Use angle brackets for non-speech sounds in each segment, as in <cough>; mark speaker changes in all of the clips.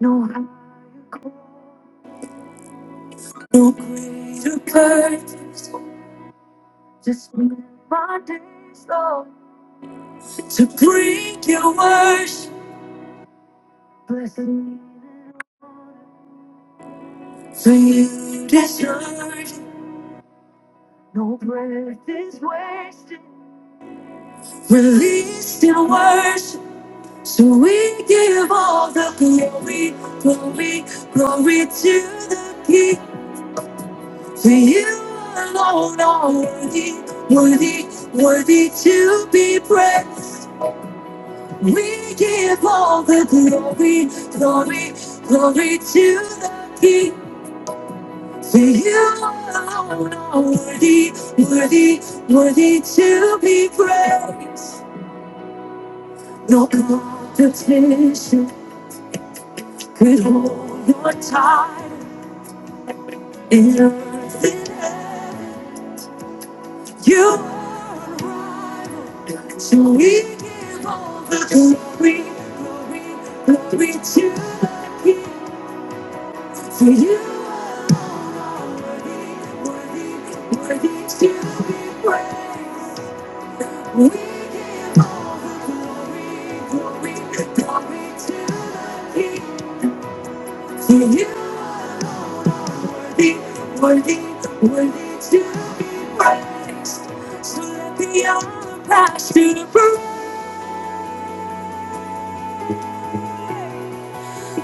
Speaker 1: No, no greater purpose. Just me and my days, Lord. To bring your worship. Blessed me. To you deserve. No breath is wasted. Released in worship. So we give all the glory, glory, glory to the King. For you alone are worthy, worthy, worthy to be praised. We give all the glory, glory, glory to the King. To you alone are worthy, worthy, worthy to be praised. No competition could hold your title. in earth and heaven. You are rival. So we give all the glory, glory, glory to the King. For you alone, worthy, worthy, worthy to be praised. We give all the glory, glory, glory to the King. For you alone worthy, worthy, worthy to be praised. So let the honor pass to the praise.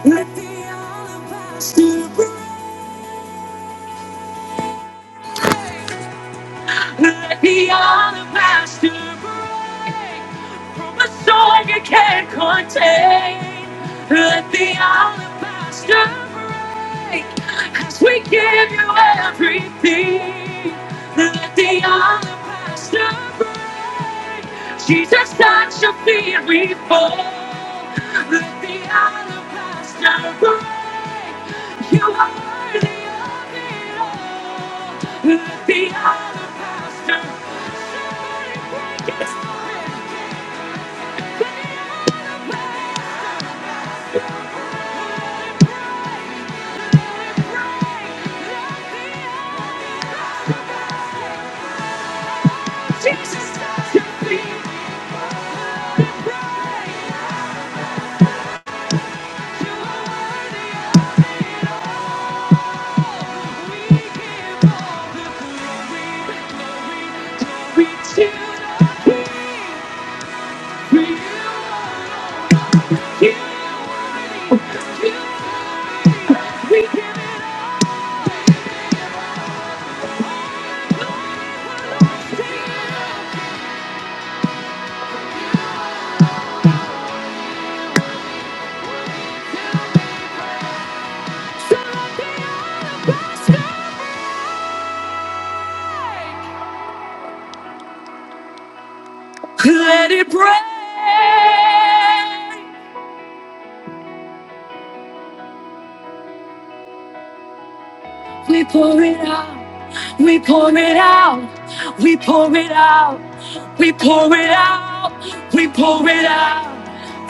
Speaker 1: Let the honor pass to the praise. Let the other master break from a soul you can't contain. Let the other master break as we give you everything. Let the other master break. Jesus, touch your fear we fall. Let the alabaster break. You are worthy of it all. Let the other pastor somebody break it open. Jesus does your thing. We choose we can, we can, we can. Let it break. We pour it out. We pour it out. We pour it out. We pour it out. We pour it out.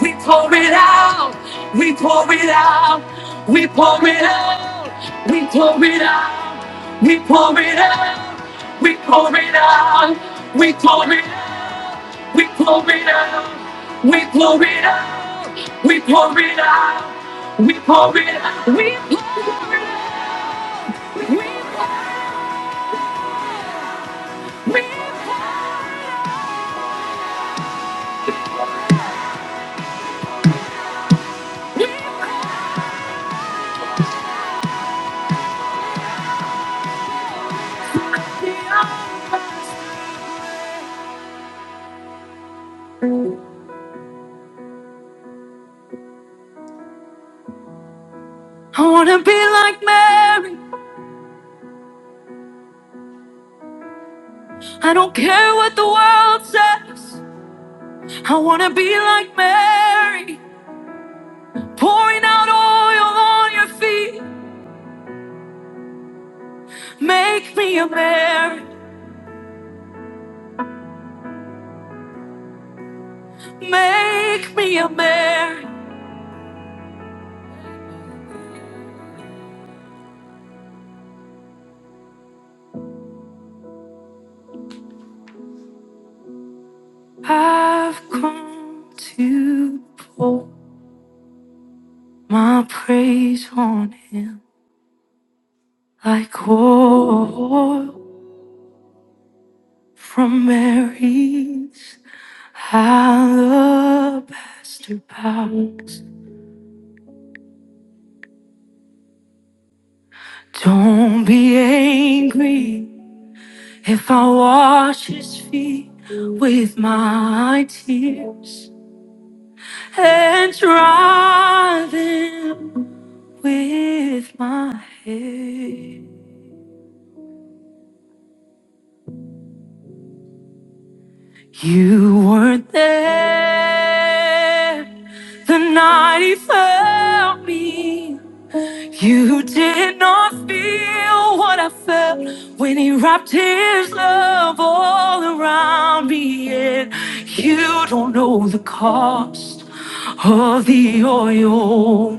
Speaker 1: We pour it out. We pour it out. We pour it out. We pour it out. We pour it out. We pour it out. We pour it out. We pour it out. We pour it out. We pour it out. We pour it out. We pour it out. We pour it out. I wanna be like Mary. I don't care what the world says. I wanna be like Mary, pouring out oil on your feet. Make me a Mary. Make me a Mary. I've come to pour my praise on Him like oil. From Mary's alabaster box. Don't be angry if I wash his feet with my tears and dry them with my hair. You weren't there the night he found me. You did not feel what I felt when he wrapped his love all around me. And you don't know the cost of the oil.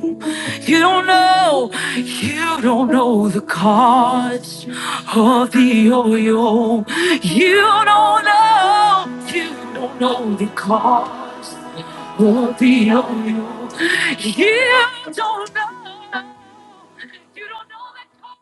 Speaker 1: You don't know, you don't know the cost of the oil. You don't know, you don't know the cost will be on you. You don't know. You don't know that cost.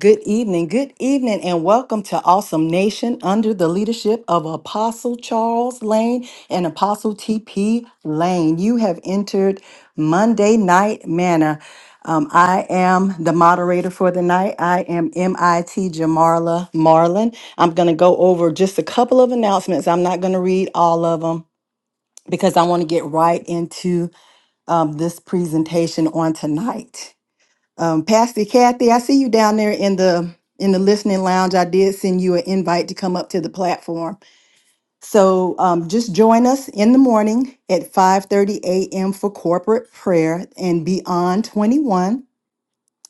Speaker 1: Good evening, good evening, and welcome to Awesome Nation under the leadership of Apostle Charles Lane and Apostle TP Lane. You have entered Monday Night Manna. Um, I am the moderator for the night. I am MIT Jamarla Marlin. I'm going to go over just a couple of announcements. I'm not going to read all of them because I want to get right into um, this presentation on tonight. Um, Pastor Kathy, I see you down there in the in the listening lounge. I did send you an invite to come up to the platform. So um, just join us in the morning at 5:30 a.m. for corporate prayer and beyond 21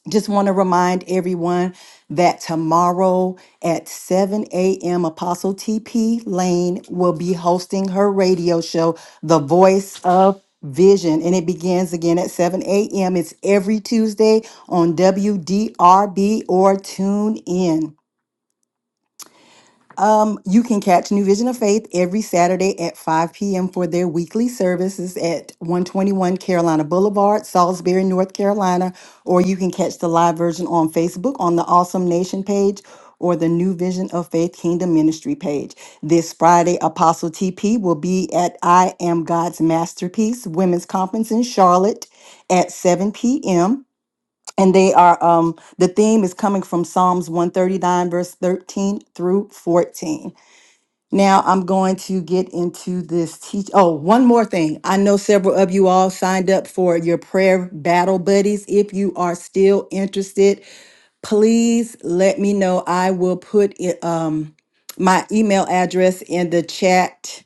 Speaker 1: just want to remind everyone that tomorrow at 7 a.m., Apostle TP Lane will be hosting her radio show, The Voice of Vision, and it begins again at 7 a.m. It's every Tuesday on WDRB or Tune In. Um, you can catch New Vision of Faith every Saturday at 5 p.m. for their weekly services at 121 Carolina Boulevard, Salisbury, North Carolina, or you can catch the live version on Facebook on the Awesome Nation page or the New Vision of Faith Kingdom Ministry page. This Friday, Apostle TP will be at I Am God's Masterpiece Women's Conference in Charlotte at 7 p.m. And they are um the theme is coming from Psalms 139, verse 13 through 14. Now I'm going to get into this teach. Oh, one more thing. I know several of you all signed up for your prayer battle buddies. If you are still interested, please let me know. I will put it, um, my email address in the chat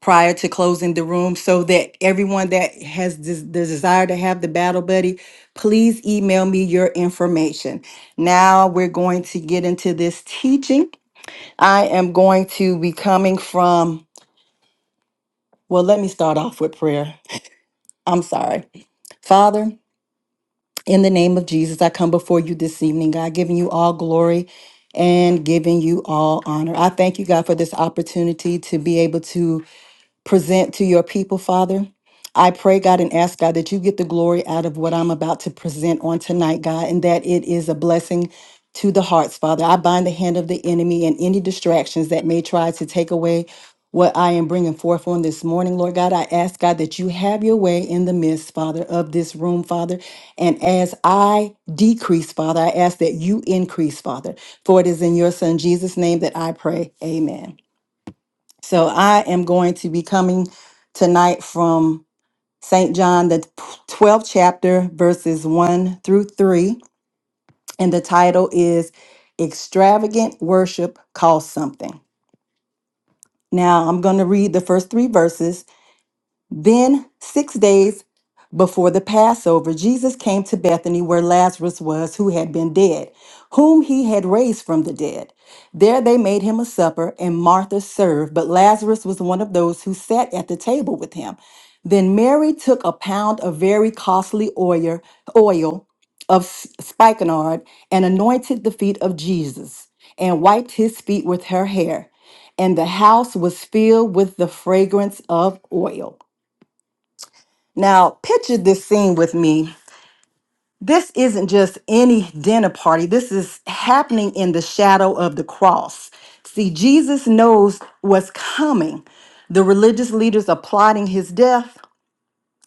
Speaker 1: prior to closing the room so that everyone that has des- the desire to have the battle buddy, please email me your information. Now we're going to get into this teaching. I am going to be coming from, well, let me start off with prayer. I'm sorry. Father, in the name of Jesus, I come before you this evening, God, giving you all glory and giving you all honor. I thank you, God, for this opportunity to be able to present to your people, Father. I pray, God, and ask, God, that you get the glory out of what I'm about to present on tonight, God, and that it is a blessing to the hearts, Father. I bind the hand of the enemy and any distractions that may try to take away what I am bringing forth on this morning, Lord God. I ask, God, that you have your way in the midst, Father, of this room, Father. And as I decrease, Father, I ask that you increase, Father. For it is in your Son, Jesus' name, that I pray. Amen. So I am going to be coming tonight from St. John, the 12th chapter, verses 1 through 3. And the title is Extravagant Worship Costs Something. Now I'm going to read the first three verses Then, six days before the Passover, Jesus came to Bethany where Lazarus was, who had been dead, whom he had raised from the dead. There they made him a supper, and Martha served, but Lazarus was one of those who sat at the table with him. Then Mary took a pound of very costly oil, oil of s- spikenard and anointed the feet of Jesus and wiped his feet with her hair. And the house was filled with the fragrance of oil. Now, picture this scene with me. This isn't just any dinner party. This is happening in the shadow of the cross. See, Jesus knows what's coming. The religious leaders are plotting his death,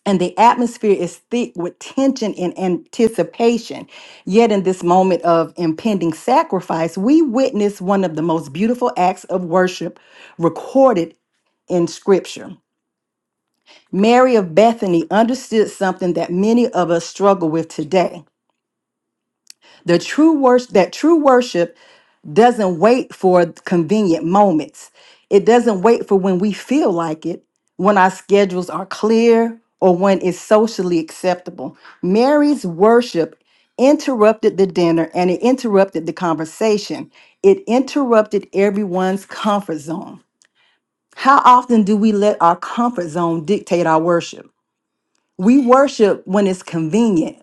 Speaker 1: and the atmosphere is thick with tension and anticipation. Yet, in this moment of impending sacrifice, we witness one of the most beautiful acts of worship recorded in Scripture. Mary of Bethany understood something that many of us struggle with today. The true worship that true worship doesn't wait for convenient moments. It doesn't wait for when we feel like it, when our schedules are clear, or when it's socially acceptable. Mary's worship interrupted the dinner and it interrupted the conversation. It interrupted everyone's comfort zone. How often do we let our comfort zone dictate our worship? We worship when it's convenient,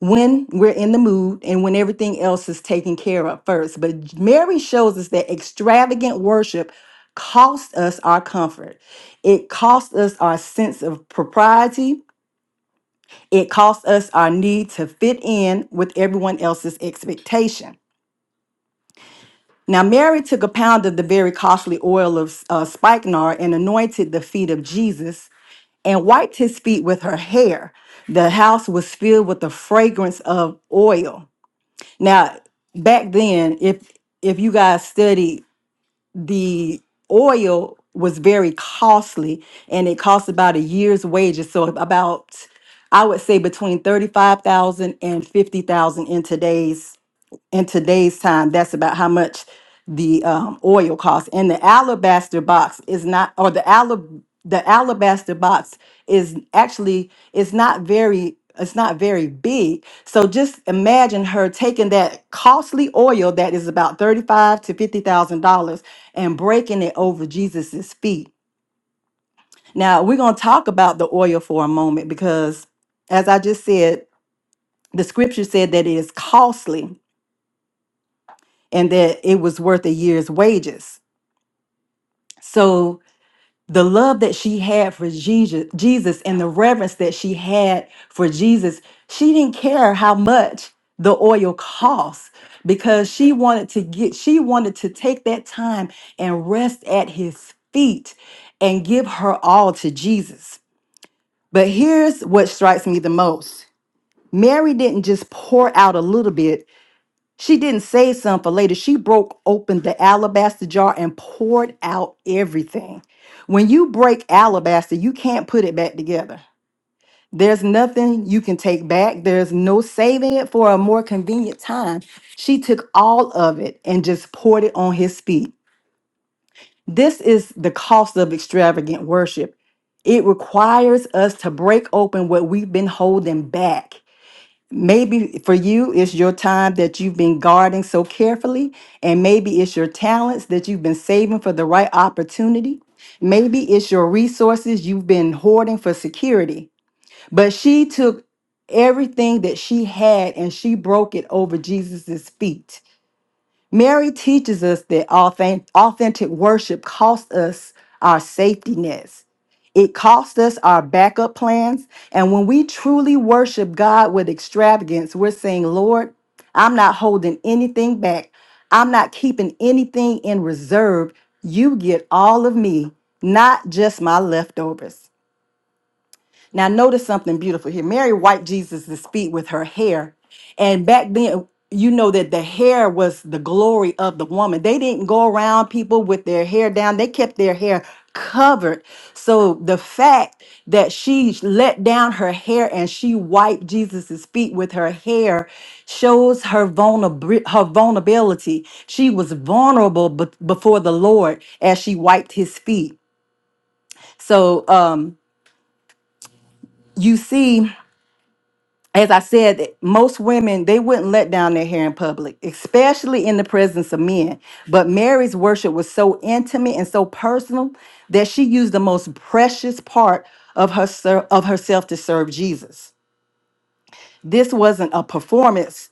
Speaker 1: when we're in the mood, and when everything else is taken care of first. But Mary shows us that extravagant worship costs us our comfort, it costs us our sense of propriety, it costs us our need to fit in with everyone else's expectation. Now, Mary took a pound of the very costly oil of uh, spikenard and anointed the feet of Jesus and wiped his feet with her hair. The house was filled with the fragrance of oil. Now, back then, if if you guys studied, the oil was very costly and it cost about a year's wages. So about I would say between 35,000 and 50,000 in today's in today's time, that's about how much the um, oil costs. And the alabaster box is not, or the alab, the alabaster box is actually it's not very it's not very big. So just imagine her taking that costly oil that is about thirty-five to fifty thousand dollars and breaking it over Jesus's feet. Now we're gonna talk about the oil for a moment because, as I just said, the scripture said that it is costly and that it was worth a year's wages. So the love that she had for Jesus Jesus and the reverence that she had for Jesus, she didn't care how much the oil cost because she wanted to get she wanted to take that time and rest at his feet and give her all to Jesus. But here's what strikes me the most. Mary didn't just pour out a little bit She didn't save some for later. She broke open the alabaster jar and poured out everything. When you break alabaster, you can't put it back together. There's nothing you can take back. There's no saving it for a more convenient time. She took all of it and just poured it on his feet. This is the cost of extravagant worship. It requires us to break open what we've been holding back Maybe for you, it's your time that you've been guarding so carefully, and maybe it's your talents that you've been saving for the right opportunity. Maybe it's your resources you've been hoarding for security. But she took everything that she had and she broke it over Jesus' feet. Mary teaches us that authen- authentic worship costs us our safety nets. It costs us our backup plans. And when we truly worship God with extravagance, we're saying, Lord, I'm not holding anything back. I'm not keeping anything in reserve. You get all of me, not just my leftovers. Now, notice something beautiful here. Mary wiped Jesus' feet with her hair. And back then, you know that the hair was the glory of the woman. They didn't go around people with their hair down, they kept their hair covered. So the fact that she let down her hair and she wiped Jesus' feet with her hair shows her, vulnerab- her vulnerability. She was vulnerable be- before the Lord as she wiped his feet. So um, you see. as I said, that most women they wouldn't let down their hair in public, especially in the presence of men. But Mary's worship was so intimate and so personal that she used the most precious part of her ser- of herself to serve Jesus. This wasn't a performance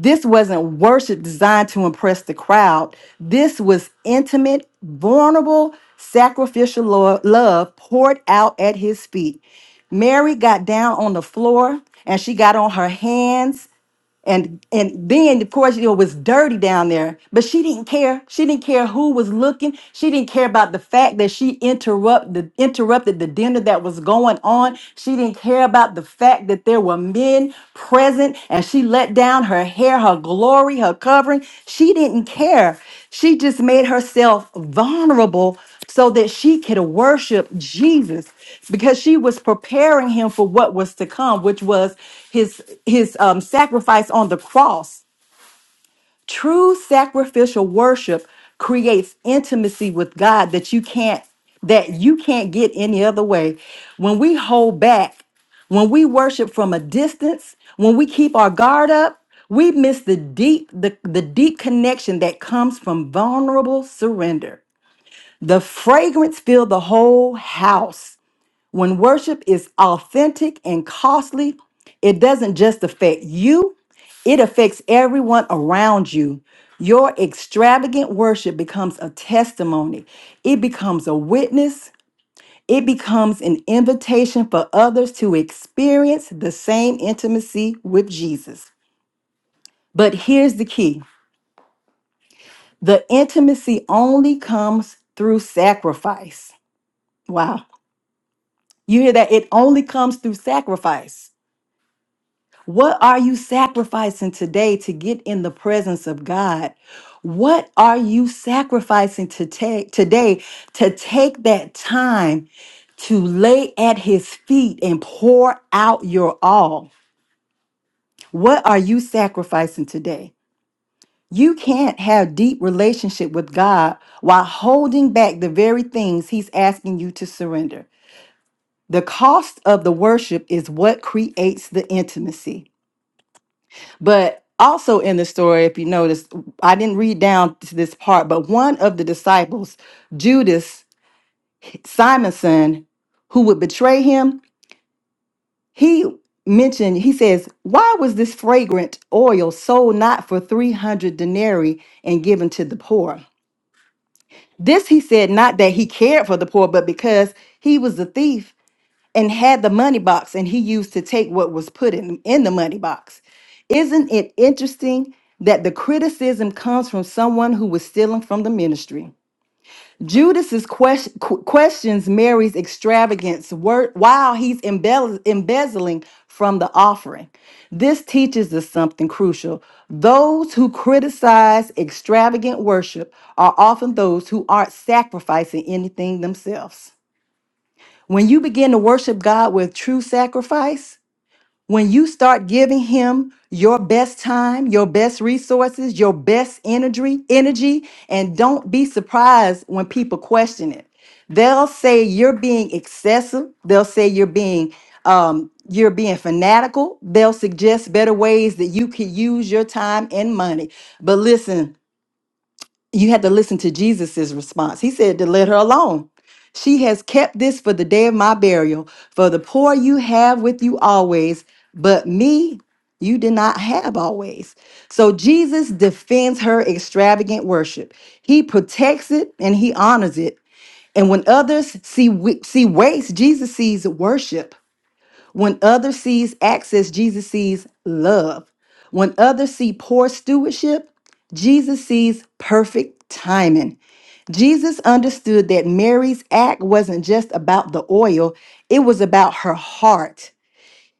Speaker 1: this wasn't worship designed to impress the crowd. This was intimate, vulnerable, sacrificial lo- love poured out at his feet. Mary got down on the floor and she got on her hands and and then of course you know it was dirty down there but she didn't care she didn't care who was looking she didn't care about the fact that she interrupt the interrupted the dinner that was going on she didn't care about the fact that there were men present and she let down her hair her glory her covering she didn't care she just made herself vulnerable so that she could worship Jesus because she was preparing him for what was to come, which was his his um, sacrifice on the cross. True sacrificial worship creates intimacy with God that you can't that you can't get any other way. When we hold back, when we worship from a distance, when we keep our guard up, we miss the deep the, the deep connection that comes from vulnerable surrender. The fragrance filled the whole house. When worship is authentic and costly, it doesn't just affect you, it affects everyone around you. Your extravagant worship becomes a testimony, it becomes a witness, it becomes an invitation for others to experience the same intimacy with Jesus. But here's the key the intimacy only comes through sacrifice. Wow. You hear that? It only comes through sacrifice. What are you sacrificing today to get in the presence of God? What are you sacrificing to take today to take that time to lay at his feet and pour out your all? What are you sacrificing today? You can't have deep relationship with God while holding back the very things he's asking you to surrender. The cost of the worship is what creates the intimacy. But also in the story, if you notice, I didn't read down to this part, but one of the disciples, Judas, Simon's son, who would betray him, he mentioned, he says, Why was this fragrant oil sold not for 300 denarii and given to the poor? This he said, not that he cared for the poor, but because he was a thief and had the money box and he used to take what was put in, in the money box. Isn't it interesting that the criticism comes from someone who was stealing from the ministry? Judas's ques- qu- questions Mary's extravagance wor- while he's embell- embezzling from the offering. This teaches us something crucial. Those who criticize extravagant worship are often those who aren't sacrificing anything themselves. When you begin to worship God with true sacrifice, when you start giving him your best time, your best resources, your best energy, energy, and don't be surprised when people question it. They'll say you're being excessive. They'll say you're being um, you're being fanatical. They'll suggest better ways that you can use your time and money. But listen, you had to listen to Jesus's response. He said to let her alone. She has kept this for the day of my burial. For the poor you have with you always, but me you did not have always. So Jesus defends her extravagant worship. He protects it and he honors it. And when others see we- see waste, Jesus sees worship. When others sees access, Jesus sees love. When others see poor stewardship, Jesus sees perfect timing. Jesus understood that Mary's act wasn't just about the oil, it was about her heart.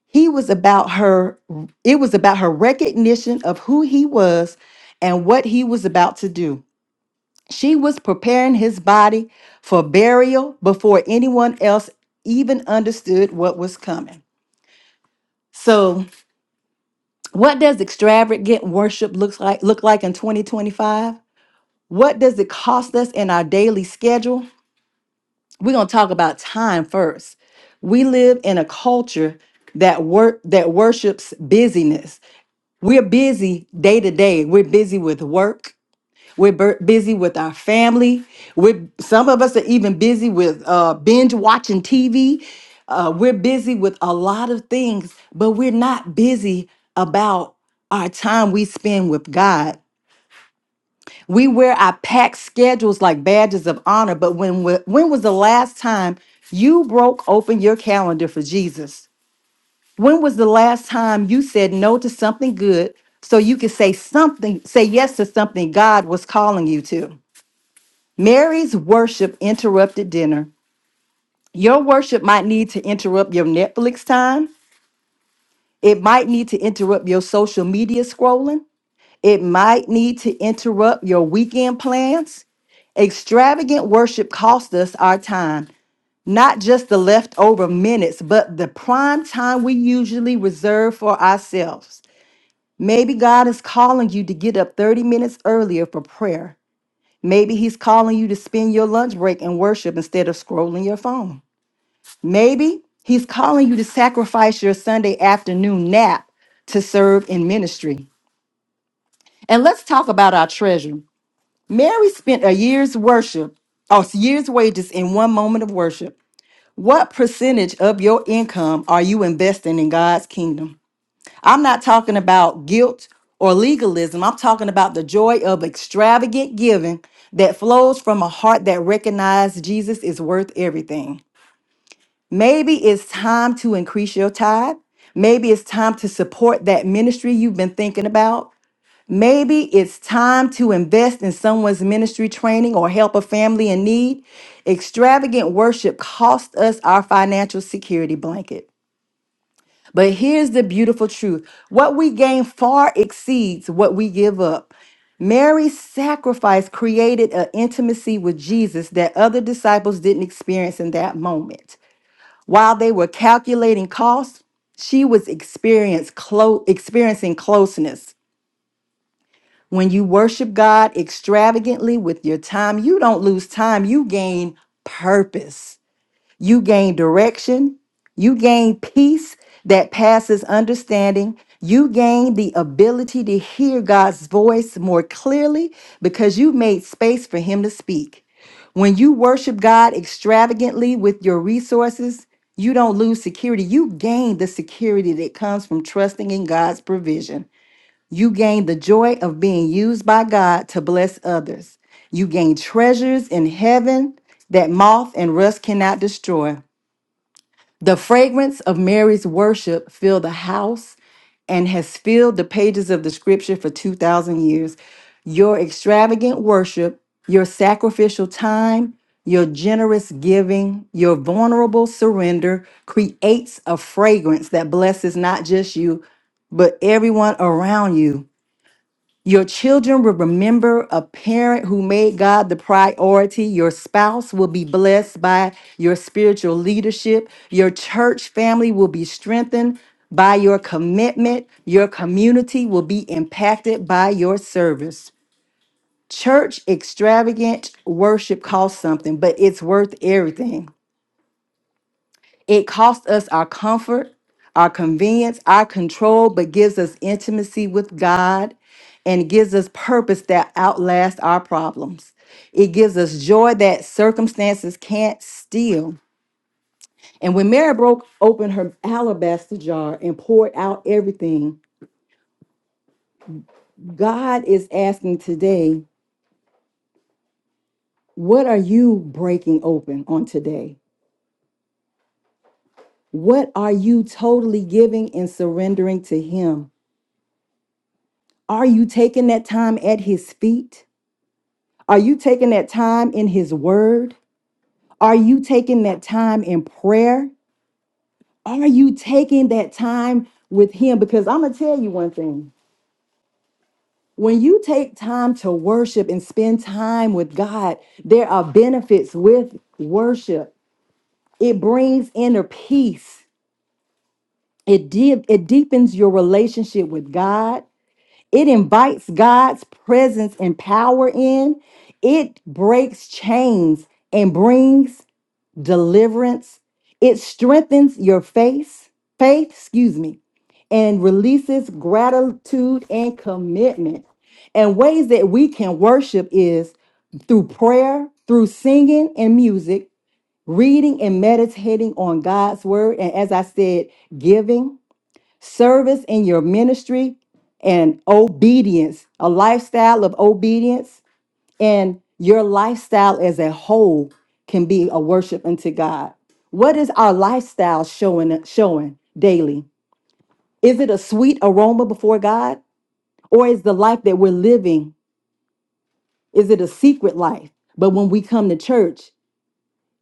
Speaker 1: He was about her it was about her recognition of who he was and what he was about to do. She was preparing his body for burial before anyone else even understood what was coming. So What does extravagant worship looks like look like in 2025? What does it cost us in our daily schedule? We're gonna talk about time first. We live in a culture that work that worships busyness. We're busy day to day. We're busy with work. We're bur- busy with our family. We're some of us are even busy with uh, binge watching TV. Uh, we're busy with a lot of things, but we're not busy about our time we spend with God. We wear our packed schedules like badges of honor, but when wa- when was the last time you broke open your calendar for Jesus? When was the last time you said no to something good so you could say something, say yes to something God was calling you to? Mary's worship interrupted dinner. Your worship might need to interrupt your Netflix time. It might need to interrupt your social media scrolling. It might need to interrupt your weekend plans. Extravagant worship costs us our time, not just the leftover minutes, but the prime time we usually reserve for ourselves. Maybe God is calling you to get up 30 minutes earlier for prayer Maybe he's calling you to spend your lunch break in worship instead of scrolling your phone. Maybe he's calling you to sacrifice your Sunday afternoon nap to serve in ministry. And let's talk about our treasure. Mary spent a year's worship, or year's wages in one moment of worship. What percentage of your income are you investing in God's kingdom? I'm not talking about guilt or legalism. I'm talking about the joy of extravagant giving that flows from a heart that recognizes Jesus is worth everything. Maybe it's time to increase your tithe. Maybe it's time to support that ministry you've been thinking about. Maybe it's time to invest in someone's ministry training or help a family in need. Extravagant worship costs us our financial security blanket. But here's the beautiful truth what we gain far exceeds what we give up. Mary's sacrifice created an intimacy with Jesus that other disciples didn't experience in that moment. While they were calculating costs, she was experience clo- experiencing closeness. When you worship God extravagantly with your time, you don't lose time, you gain purpose. You gain direction. You gain peace that passes understanding. You gain the ability to hear God's voice more clearly because you made space for Him to speak. When you worship God extravagantly with your resources, you don't lose security. You gain the security that comes from trusting in God's provision. You gain the joy of being used by God to bless others. You gain treasures in heaven that moth and rust cannot destroy. The fragrance of Mary's worship filled the house and has filled the pages of the scripture for 2,000 years. Your extravagant worship, your sacrificial time, your generous giving, your vulnerable surrender creates a fragrance that blesses not just you, but everyone around you. Your children will remember a parent who made God the priority. Your spouse will be blessed by your spiritual leadership. Your church family will be strengthened by your commitment. Your community will be impacted by your service. Church extravagant worship costs something, but it's worth everything. It costs us our comfort, our convenience, our control, but gives us intimacy with God and gives us purpose that outlasts our problems. It gives us joy that circumstances can't steal. And when Mary broke open her alabaster jar and poured out everything, God is asking today, what are you breaking open on today? What are you totally giving and surrendering to Him? Are you taking that time at His feet? Are you taking that time in His Word? Are you taking that time in prayer? Are you taking that time with Him? Because I'm going to tell you one thing. When you take time to worship and spend time with God, there are benefits with worship. It brings inner peace. It, deep, it deepens your relationship with God. It invites God's presence and power in. It breaks chains and brings deliverance. It strengthens your faith, faith, excuse me, and releases gratitude and commitment. And ways that we can worship is through prayer, through singing and music, reading and meditating on God's word, and as I said, giving, service in your ministry, and obedience, a lifestyle of obedience and your lifestyle as a whole can be a worship unto God. What is our lifestyle showing showing daily? Is it a sweet aroma before God or is the life that we're living is it a secret life? But when we come to church,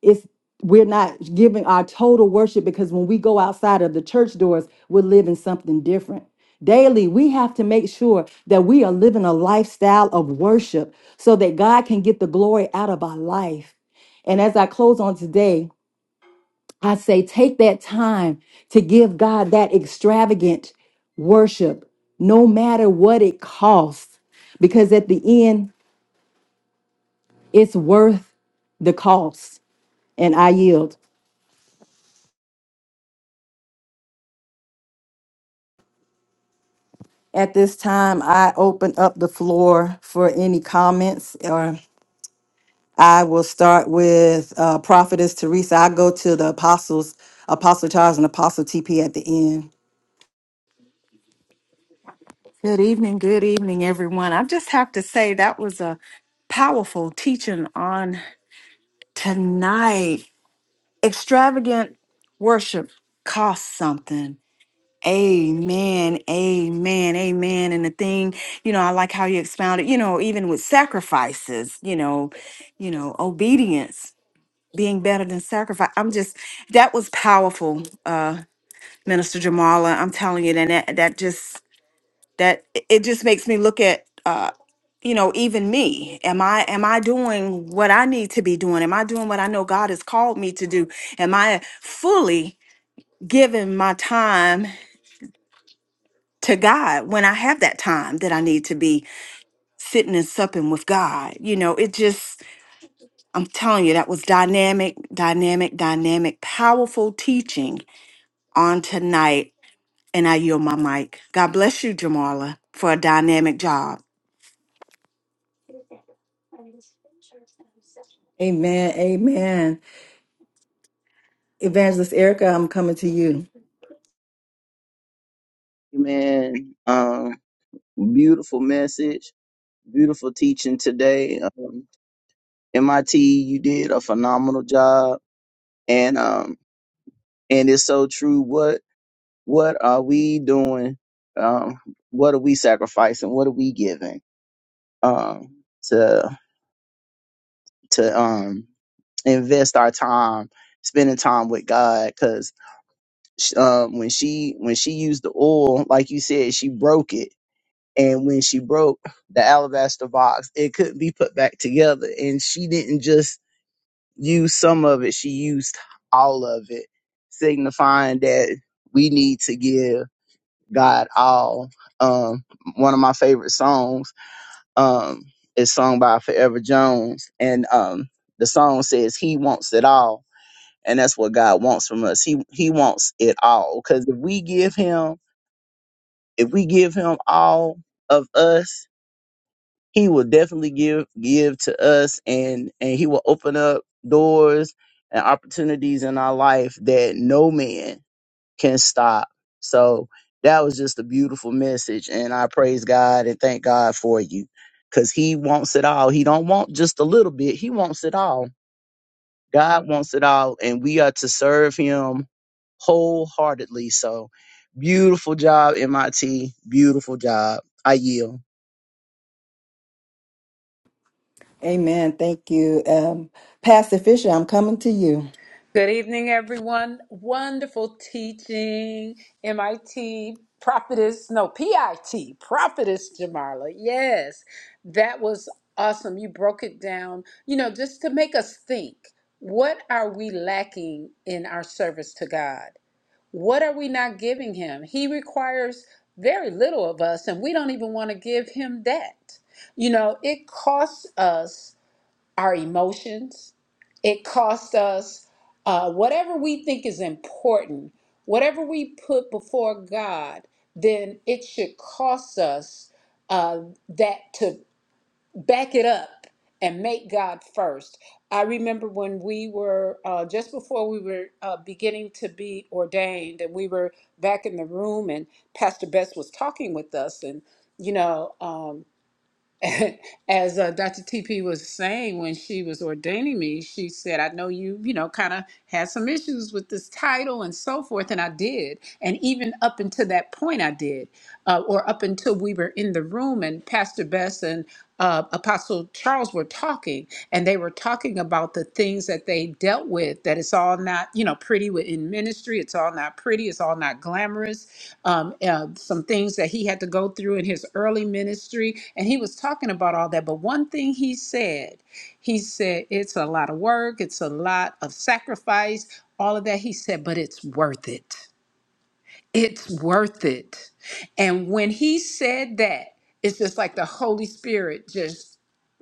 Speaker 1: it's we're not giving our total worship because when we go outside of the church doors, we're living something different. Daily, we have to make sure that we are living a lifestyle of worship so that God can get the glory out of our life. And as I close on today, I say take that time to give God that extravagant worship, no matter what it costs, because at the end, it's worth the cost. And I yield. At this time, I open up the floor for any comments, or I will start with uh, Prophetess Teresa. I go to the apostles, Apostle Charles and Apostle TP at the end.
Speaker 2: Good evening, good evening, everyone. I just have to say that was a powerful teaching on tonight. Extravagant worship costs something. Amen, amen, amen. And the thing, you know, I like how you expounded, you know, even with sacrifices, you know, you know, obedience being better than sacrifice. I'm just that was powerful, uh, Minister Jamala. I'm telling you, and that that just that it it just makes me look at uh you know even me am i am i doing what i need to be doing am i doing what i know god has called me to do am i fully giving my time to god when i have that time that i need to be sitting and supping with god you know it just i'm telling you that was dynamic dynamic dynamic powerful teaching on tonight and i yield my mic god bless you jamala for a dynamic job
Speaker 1: Amen. Amen. Evangelist Erica, I'm coming to you.
Speaker 3: Amen. Um, beautiful message, beautiful teaching today. Um, MIT, you did a phenomenal job, and um, and it's so true. What what are we doing? Um, what are we sacrificing? What are we giving? Um, to to um invest our time spending time with God because um, when she when she used the oil, like you said, she broke it And when she broke the alabaster box, it couldn't be put back together. And she didn't just use some of it, she used all of it, signifying that we need to give God all. Um, one of my favorite songs um, is sung by Forever Jones. And um, the song says, He wants it all. And that's what God wants from us. He He wants it all. Because if we give Him, if we give Him all of us, he will definitely give give to us and and he will open up doors and opportunities in our life that no man can stop so that was just a beautiful message and i praise god and thank god for you because he wants it all he don't want just a little bit he wants it all god wants it all and we are to serve him wholeheartedly so beautiful job mit beautiful job i yield
Speaker 1: Amen. Thank you. Um, Pastor Fisher, I'm coming to you.
Speaker 4: Good evening, everyone. Wonderful teaching, MIT prophetess, no, PIT, prophetess Jamarla. Yes, that was awesome. You broke it down, you know, just to make us think what are we lacking in our service to God? What are we not giving Him? He requires very little of us, and we don't even want to give Him that. You know, it costs us our emotions. It costs us uh, whatever we think is important, whatever we put before God, then it should cost us uh, that to back it up and make God first. I remember when we were uh, just before we were uh, beginning to be ordained, and we were back in the room, and Pastor Bess was talking with us, and you know. Um, <laughs> as uh, Dr. TP was saying when she was ordaining me, she said, I know you, you know, kind of had some issues with this title and so forth. And I did. And even up until that point, I did, uh, or up until we were in the room and Pastor Bess and uh, Apostle Charles were talking, and they were talking about the things that they dealt with. That it's all not, you know, pretty in ministry. It's all not pretty. It's all not glamorous um, uh, some things that he had to go through in his early ministry. And he was talking about all that. But one thing he said, he said, it's a lot of work, it's a lot of sacrifice, all of that. He said, but it's worth it it's worth it. And when he said that, it's just like the Holy Spirit just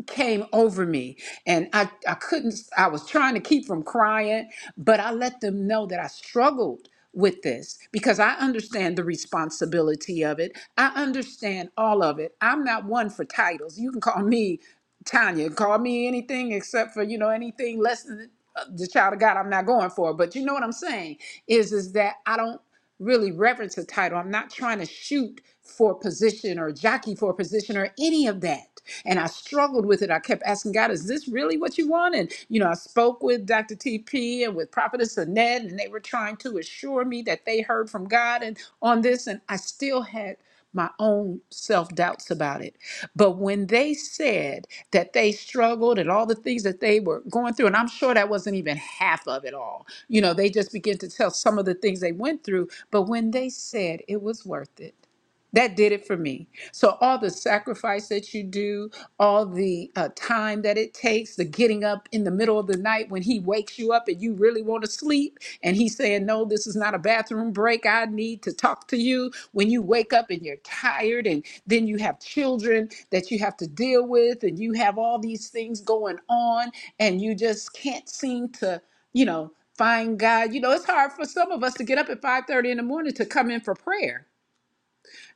Speaker 4: came over me and I, I couldn't I was trying to keep from crying, but I let them know that I struggled with this because I understand the responsibility of it. I understand all of it. I'm not one for titles. You can call me Tanya, call me anything except for you know anything less than uh, the child of God. I'm not going for. But you know what I'm saying is is that I don't really reverence a title. I'm not trying to shoot for position or jockey for position or any of that. And I struggled with it. I kept asking God, "Is this really what you want?" And you know, I spoke with Dr. TP and with Prophetess Annette, and they were trying to assure me that they heard from God and on this. And I still had my own self doubts about it. But when they said that they struggled and all the things that they were going through, and I'm sure that wasn't even half of it all, you know, they just began to tell some of the things they went through. But when they said it was worth it, that did it for me. So, all the sacrifice that you do, all the uh, time that it takes, the getting up in the middle of the night when he wakes you up and you really want to sleep, and he's saying, No, this is not a bathroom break. I need to talk to you. When you wake up and you're tired, and then you have children that you have to deal with, and you have all these things going on, and you just can't seem to, you know, find God. You know, it's hard for some of us to get up at 5 30 in the morning to come in for prayer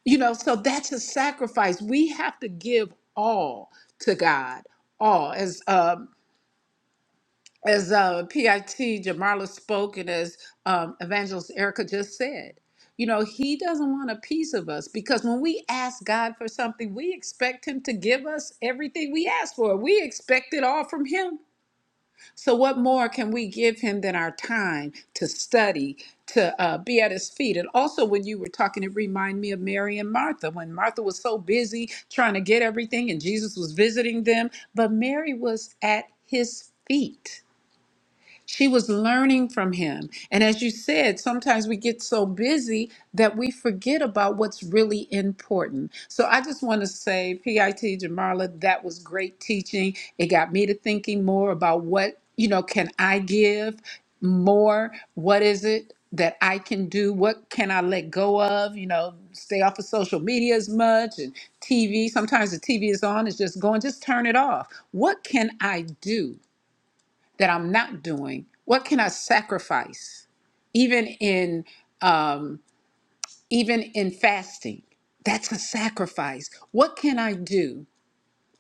Speaker 4: you know, so that's a sacrifice. We have to give all to God, all. As um, as uh, PIT Jamarla spoke and as um, Evangelist Erica just said, you know, He doesn't want a piece of us because when we ask God for something, we expect Him to give us everything we ask for. We expect it all from Him. So, what more can we give him than our time to study, to uh, be at his feet? And also, when you were talking, it reminded me of Mary and Martha when Martha was so busy trying to get everything and Jesus was visiting them, but Mary was at his feet she was learning from him. And as you said, sometimes we get so busy that we forget about what's really important. So I just want to say, PIT Jamarla, that was great teaching. It got me to thinking more about what, you know, can I give more? What is it? That I can do, what can I let go of? You know, stay off of social media as much and TV. Sometimes the TV is on, it's just going, just turn it off. What can I do? that I'm not doing? What can I sacrifice? Even in um, even in fasting, that's a sacrifice. What can I do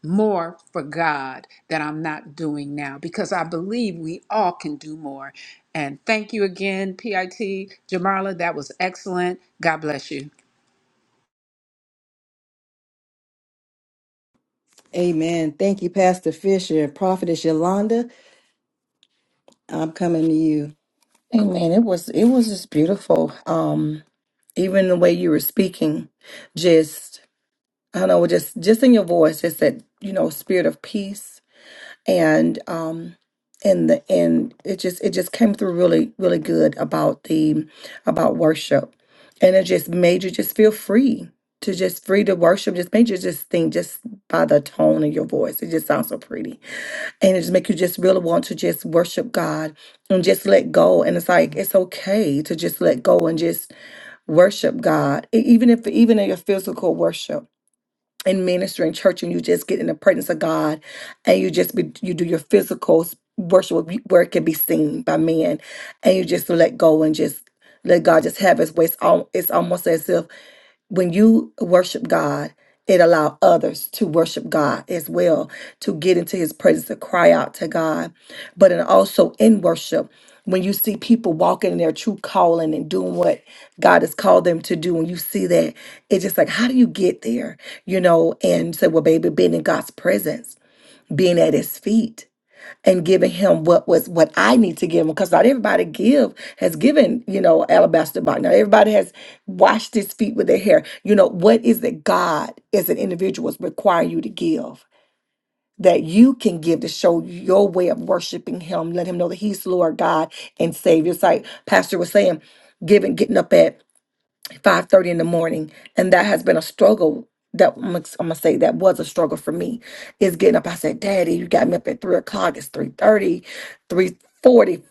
Speaker 4: more for God that I'm not doing now? Because I believe we all can do more. And thank you again, PIT Jamarla. That was excellent. God bless you.
Speaker 1: Amen. Thank you, Pastor Fisher. Prophetess Yolanda, I'm coming to you.
Speaker 5: Amen. It was it was just beautiful. Um, even the way you were speaking, just I don't know, just just in your voice, just that you know, spirit of peace and um, and the and it just it just came through really really good about the about worship, and it just made you just feel free to just free to worship. Just made you just think just by the tone of your voice, it just sounds so pretty and it just make you just really want to just worship God and just let go. And it's like it's okay to just let go and just worship God, E- even if even in your physical worship and ministry in church, and you just get in the presence of God, and you just be you do your physical s- worship where where it can be seen by men, and you just let go and just. Let God just have His way. It's, al- it's almost as if when you worship God, it allow others to worship God as well, to get into his presence, to cry out to God. But and also in worship, when you see people walking in their true calling and doing what God has called them to do, and you see that, it's just like, how do you get there? You know, and say, well, baby, being in God's presence, being at his feet and giving him what was what I need to give him because not everybody give has given you know alabaster box. Now everybody has washed his feet with their hair. You know what is that God as an individual is requiring you to give that you can give to show your way of worshiping Him. Let Him know that He's Lord God and Savior. It's like Pastor was saying, giving, getting up at five thirty in the morning, and that has been a struggle. That I'm gonna I'm gonna say that was a struggle for me is getting up. I said, Daddy, you got me up at three o'clock. It's 3.30, 3.40,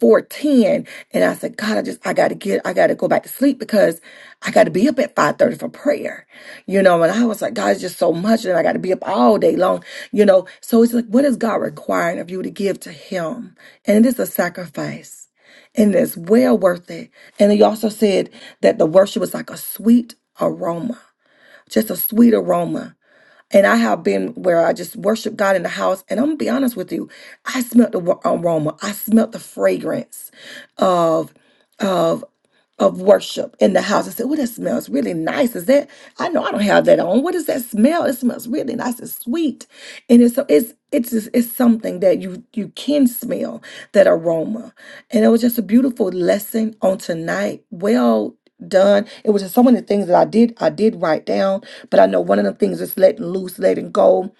Speaker 5: And I said, God, I just, I got to get, I got to go back to sleep because I got to be up at 5.30 for prayer. You know, and I was like, God, it's just so much. And I got to be up all day long, you know. So it's like, what is God requiring of you to give to him? And it is a sacrifice and it's well worth it. And he also said that the worship was like a sweet aroma, just a sweet aroma. And I have been where I just worship God in the house, and I'm gonna be honest with you, I smelt the wa- aroma, I smelt the fragrance of. of of worship in the house. I said, Oh, that smells really nice. Is that I know I don't have that on. What is that smell? It smells really nice and sweet. And it's so it's it's just, it's something that you you can smell that aroma. And it was just a beautiful lesson on tonight. Well done. It was just so many things that I did I did write down, but I know one of the things is letting loose, letting go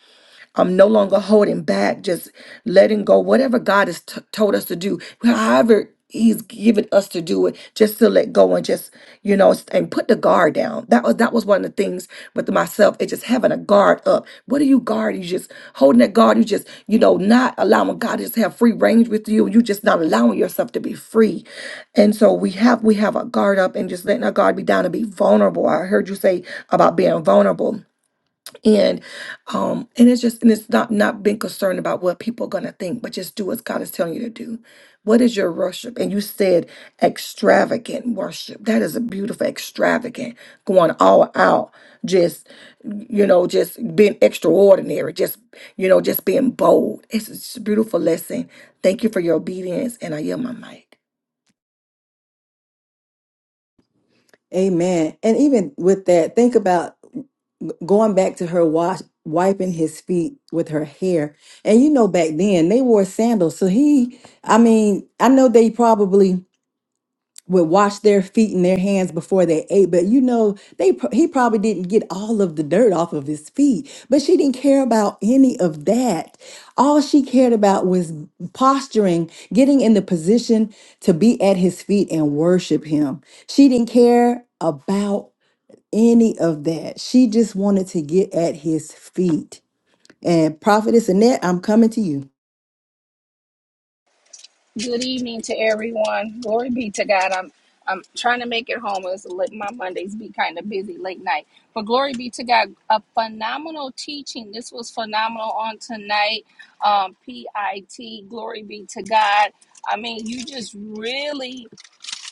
Speaker 5: I'm no longer holding back, just letting go, whatever God has t- told us to do, however He's given us to do it, just to let go and just, you know, s- and put the guard down. That was that was one of the things with myself. It's just having a guard up. What are you guarding? You just holding that guard. You just, you know, not allowing God to just have free range with you. You just not allowing yourself to be free. And so we have we have a guard up and just letting our guard be down and be vulnerable. I heard you say about being vulnerable and um and it's just and it's not not being concerned about what people are going to think but just do what god is telling you to do what is your worship and you said extravagant worship that is a beautiful extravagant going all out just you know just being extraordinary just you know just being bold it's just a beautiful lesson thank you for your obedience and i yield my mic
Speaker 1: Amen. And even with that, think about going back to her wash, wiping his feet with her hair. And you know, back then they wore sandals. So he, I mean, I know they probably would wash their feet and their hands before they ate, but you know, they pro- he probably didn't get all of the dirt off of his feet. But she didn't care about any of that. All she cared about was posturing, getting in the position to be at his feet and worship him. She didn't care about any of that. She just wanted to get at his feet. And Prophetess Annette, I'm coming to you.
Speaker 6: Good evening to everyone. Glory be to God. I'm I'm trying to make it home. It's like my Mondays be kind of busy late night. But glory be to God. A phenomenal teaching. This was phenomenal on tonight. Um, PIT. Glory be to God. I mean, you just really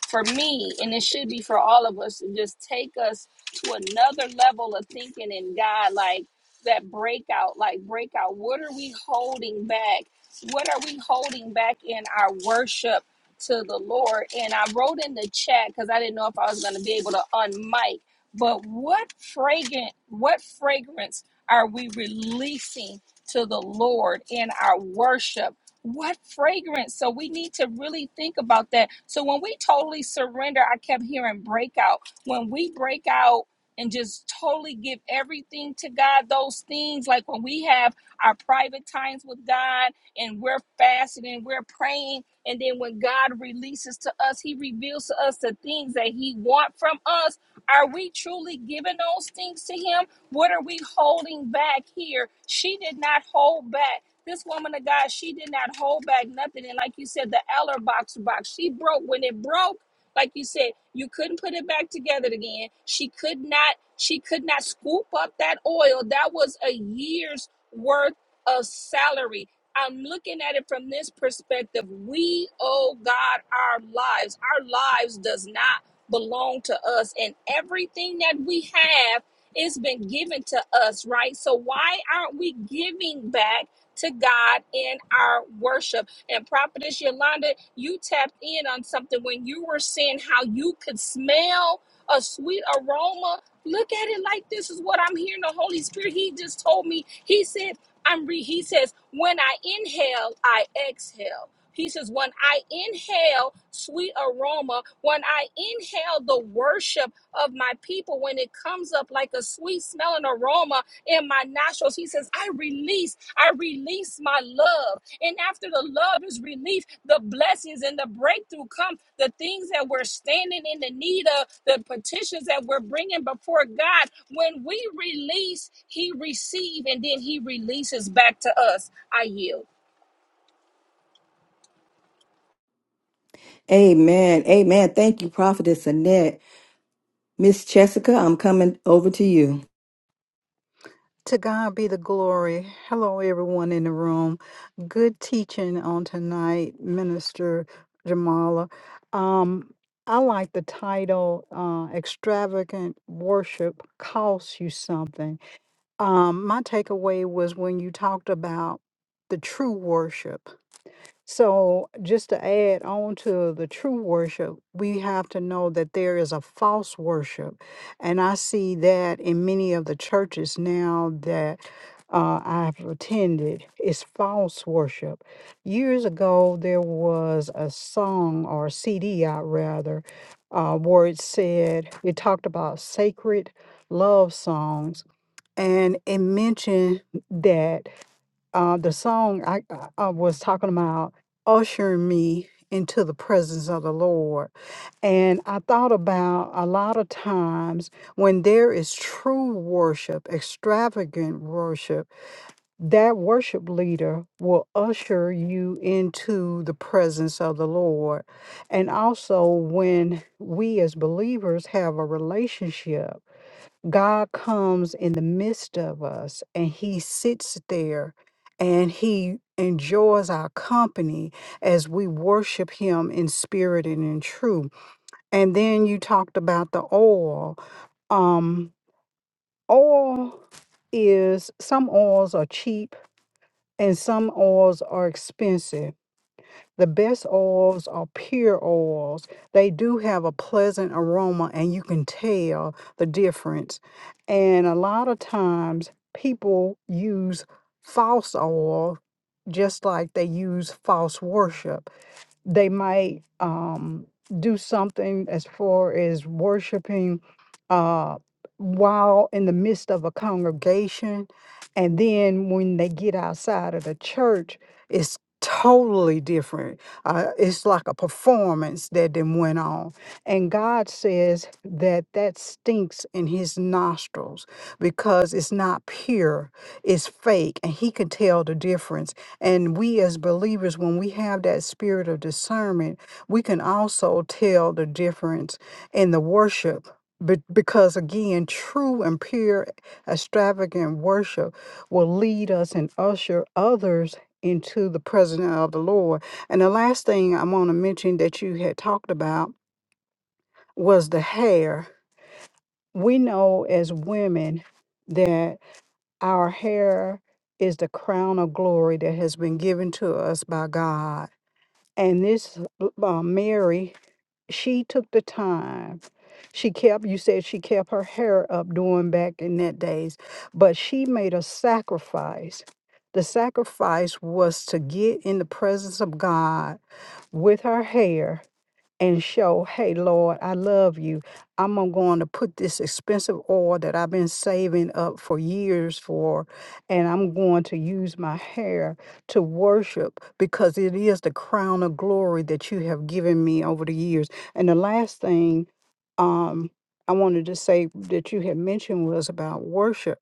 Speaker 6: for me, and it should be for all of us, to just take us to another level of thinking in God, like that breakout, like breakout. What are we holding back? What are we holding back in our worship to the Lord? And I wrote in the chat because I didn't know if I was going to be able to unmic. But what fragrant, what fragrance are we releasing to the Lord in our worship? what fragrance so we need to really think about that so when we totally surrender i kept hearing breakout when we break out and just totally give everything to god those things like when we have our private times with god and we're fasting and we're praying and then when god releases to us he reveals to us the things that he wants from us are we truly giving those things to him what are we holding back here she did not hold back this woman of God, she did not hold back nothing. And like you said, the Eller box box, she broke when it broke. Like you said, you couldn't put it back together again. She could not. She could not scoop up that oil. That was a year's worth of salary. I'm looking at it from this perspective. We owe God our lives. Our lives does not belong to us, and everything that we have it's been given to us, right? So why aren't we giving back to God in our worship. And Prophetess Yolanda, you tapped in on something when you were saying how you could smell a sweet aroma. Look at it like this is what I'm hearing the Holy Spirit. He just told me, He said, I'm re he says, when I inhale, I exhale. He says, when I inhale sweet aroma, when I inhale the worship of my people, when it comes up like a sweet smelling aroma in my nostrils, he says, I release I release my love. And after the love is released, the blessings and the breakthrough come. The things that we're standing in the need of, the petitions that we're bringing before God, when we release, He receives and then He releases back to us. I yield.
Speaker 1: Amen. Amen. Thank you, Prophetess Annette. Miss Jessica, I'm coming over to you.
Speaker 7: To God be the glory. Hello, everyone in the room. Good teaching on tonight, Minister Jamala. Um, I like the title uh, Extravagant Worship Costs You Something. Um, my takeaway was when you talked about the true worship. So, just to add on to the true worship, we have to know that there is a false worship. And I see that in many of the churches now that uh, I've attended, is false worship. Years ago, there was a song or CD, out rather, uh, where it said, it talked about sacred love songs. And it mentioned that uh, the song I, I I was talking about ushering me into the presence of the Lord. And I thought about a lot of times when there is true worship, extravagant worship, that worship leader will usher you into the presence of the Lord. And also when we as believers have a relationship God comes in the midst of us and he sits there and he enjoys our company as we worship him in spirit and in truth. And then you talked about the oil. Um oil is some oils are cheap and some oils are expensive. The best oils are pure oils. They do have a pleasant aroma, and you can tell the difference. And a lot of times, people use false oil just like they use false worship they might um, do something as far as worshiping uh, while in the midst of a congregation. And then when they get outside of the church, it's totally different. Uh, it's like a performance that then went on. And God says that that stinks in his nostrils because it's not pure, it's fake, and he can tell the difference. And we as believers, when we have that spirit of discernment, we can also tell the difference in the worship. Be- Because again, true and pure, extravagant worship will lead us and usher others into the presence of the Lord. And the last thing I want to mention that you had talked about was the hair. We know as women that our hair is the crown of glory that has been given to us by God and this uh, uh, Mary, she took the time. She kept, you said she kept her hair up doing back in that days, but she made a sacrifice. The sacrifice was to get in the presence of God with her hair and show, hey, Lord, I love you. I'm a- going to put this expensive oil that I've been saving up for years for, and I'm going to use my hair to worship because it is the crown of glory that you have given me over the years. And the last thing um, I wanted to say that you had mentioned was about worship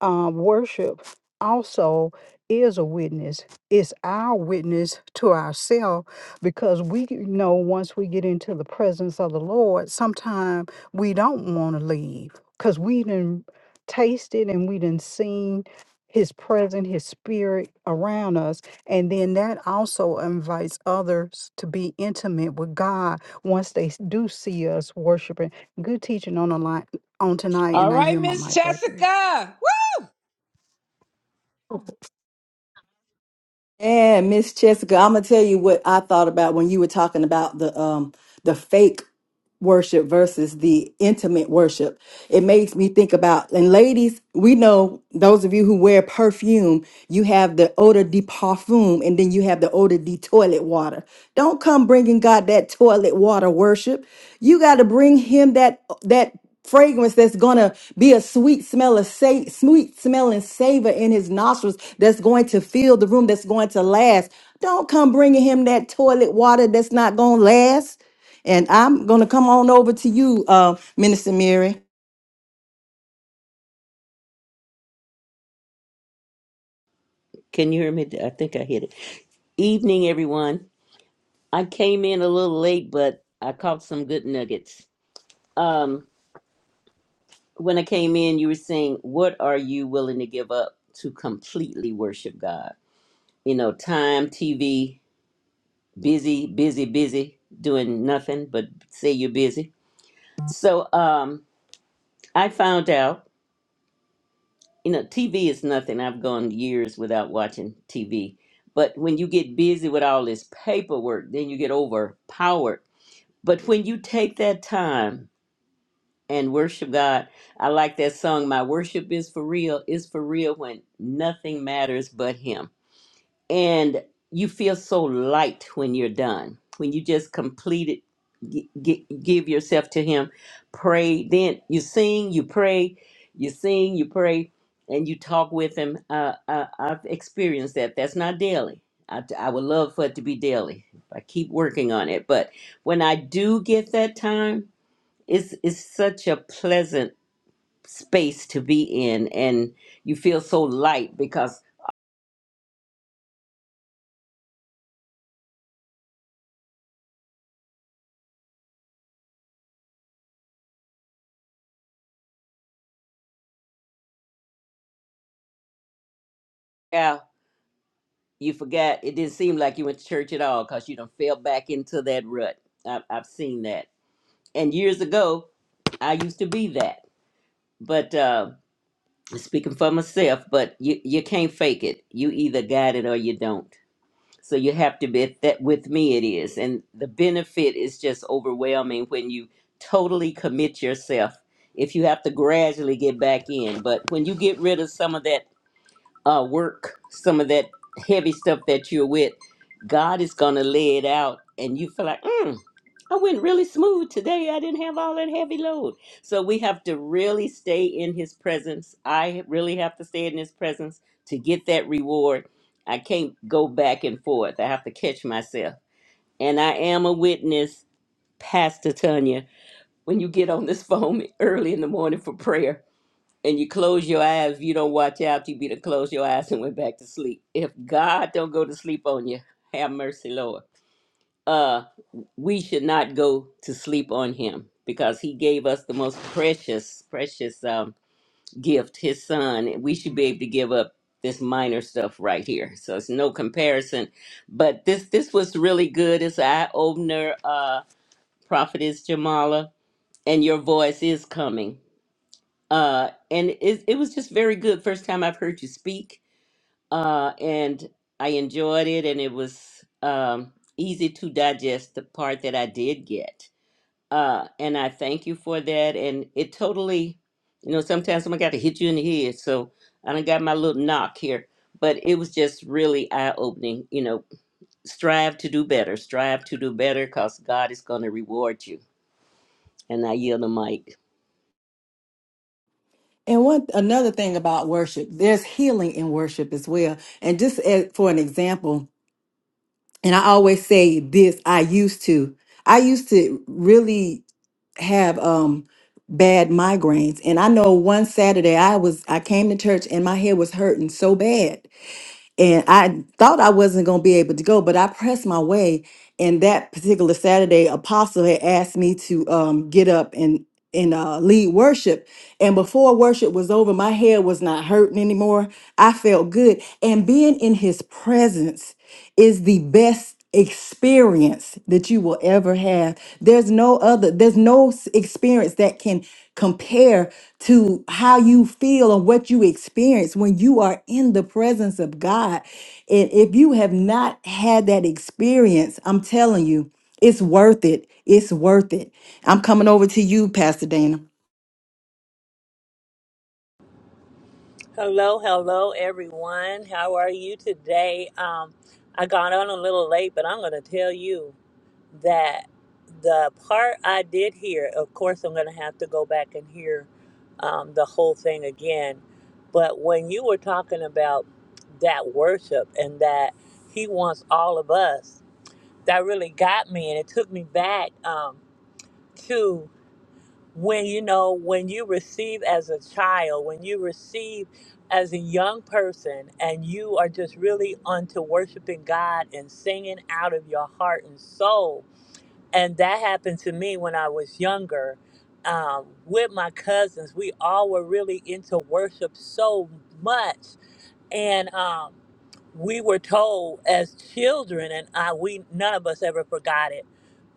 Speaker 7: uh, worship also is a witness. It's our witness to ourselves because we g- know once we get into the presence of the Lord, sometimes we don't want to leave because we didn't taste it and we didn't seen his presence, his spirit around us. And then that also invites others to be intimate with God once they s- do see us worshiping. Good teaching on the line on tonight, and
Speaker 4: All
Speaker 7: I
Speaker 4: right,
Speaker 7: yield my
Speaker 4: Miss
Speaker 7: mic right there.
Speaker 4: Jessica.
Speaker 1: And Miss Jessica, I'm gonna tell you what I thought about when you were talking about the um the fake worship versus the intimate worship. It makes me think about, and ladies, we know those of you who wear perfume, you have the odor de parfum and then you have the odor de toilet water. Don't come bringing God that toilet water worship. You got to bring him that, that fragrance that's going to be a sweet smell of sa- sweet smelling savor in his nostrils that's going to fill the room that's going to last don't come bringing him that toilet water that's not going to last and I'm going to come on over to you, uh, Minister Mary.
Speaker 8: Can you hear me? I think I hit it. Evening, everyone. I came in a little late, but I caught some good nuggets. Um, when I came in, you were saying, What are you willing to give up to completely worship God? You know, time, TV, busy, busy, busy, doing nothing but say you're busy. So um, I found out, you know, TV is nothing. I've gone years without watching TV. But when you get busy with all this paperwork, then you get overpowered But when you take that time and worship God, I like that song, My Worship is for Real, is for real when nothing matters but Him and you feel so light when you're done when you just complete it gi- gi- give yourself to him pray then you sing you pray you sing you pray and you talk with him uh, I, i've experienced that that's not daily I, I would love for it to be daily i keep working on it but when i do get that time it's it's such a pleasant space to be in and you feel so light because yeah, you forgot it didn't seem like you went to church at all because you done fell back into that rut I, have i've seen that and years ago i used to be that but uh speaking for myself but you you can't fake it you either got it or you don't so you have to be that with me it is and the benefit is just overwhelming when you totally commit yourself if you have to gradually get back in but when you get rid of some of that uh, work, some of that heavy stuff that you're with, God is going to lay it out, and you feel like, mm, I went really smooth today. I didn't have all that heavy load. So we have to really stay in His presence. I really have to stay in His presence to get that reward. I can't go back and forth. I have to catch myself. And I am a witness, Pastor Tanya, when you get on this <laughs> phone early in the morning for prayer and you close your eyes, you don't watch out, you be to close your eyes and went back to sleep. If God don't go to sleep on you, have mercy, Lord. Uh, we should not go to sleep on him because he gave us the most precious, precious um, gift, his son. And we should be able to give up this minor stuff right here. So it's no comparison. But this this was really good. It's an eye opener, uh, Prophetess Jamala. And your voice is coming uh, and it, it was just very good. First time I've heard you speak, uh, and I enjoyed it, and it was um, easy to digest the part that I did get. Uh, and I thank you for that. And it totally, you know, sometimes someone got to hit you in the head, so I done got my little knock here. But it was just really eye opening. You know, strive to do better. Strive to do better, cause God is going to reward you. And I yield the mic.
Speaker 1: And one another thing about worship, there's healing in worship as well. And just as, for an example, and I always say this, I used to, I used to really have um bad migraines. And I know one Saturday I was I came to church and my head was hurting so bad. and I thought I wasn't going to be able to go, but I pressed my way. And that particular Saturday, Apostle had asked me to um, get up and and uh, lead worship. And before worship was over, my head was not hurting anymore. I felt good, and being in His presence is the best experience that you will ever have. There's no other, there's no s- experience that can compare to how you feel and what you experience when you are in the presence of God. And if you have not had that experience, I'm telling you, it's worth it. It's worth it. I'm coming over to you, Pastor Dana.
Speaker 9: Hello, hello, everyone. How are you today? Um, I got on a little late, but I'm going to tell you that the part I did hear, of course, I'm going to have to go back and hear um, the whole thing again. But when you were talking about that worship and that He wants all of us, that really got me, and it took me back um, to when you know when you receive as a child when you receive as a young person and you are just really onto worshiping god and singing out of your heart and soul and that happened to me when i was younger um, with my cousins we all were really into worship so much and um, we were told as children and I we none of us ever forgot it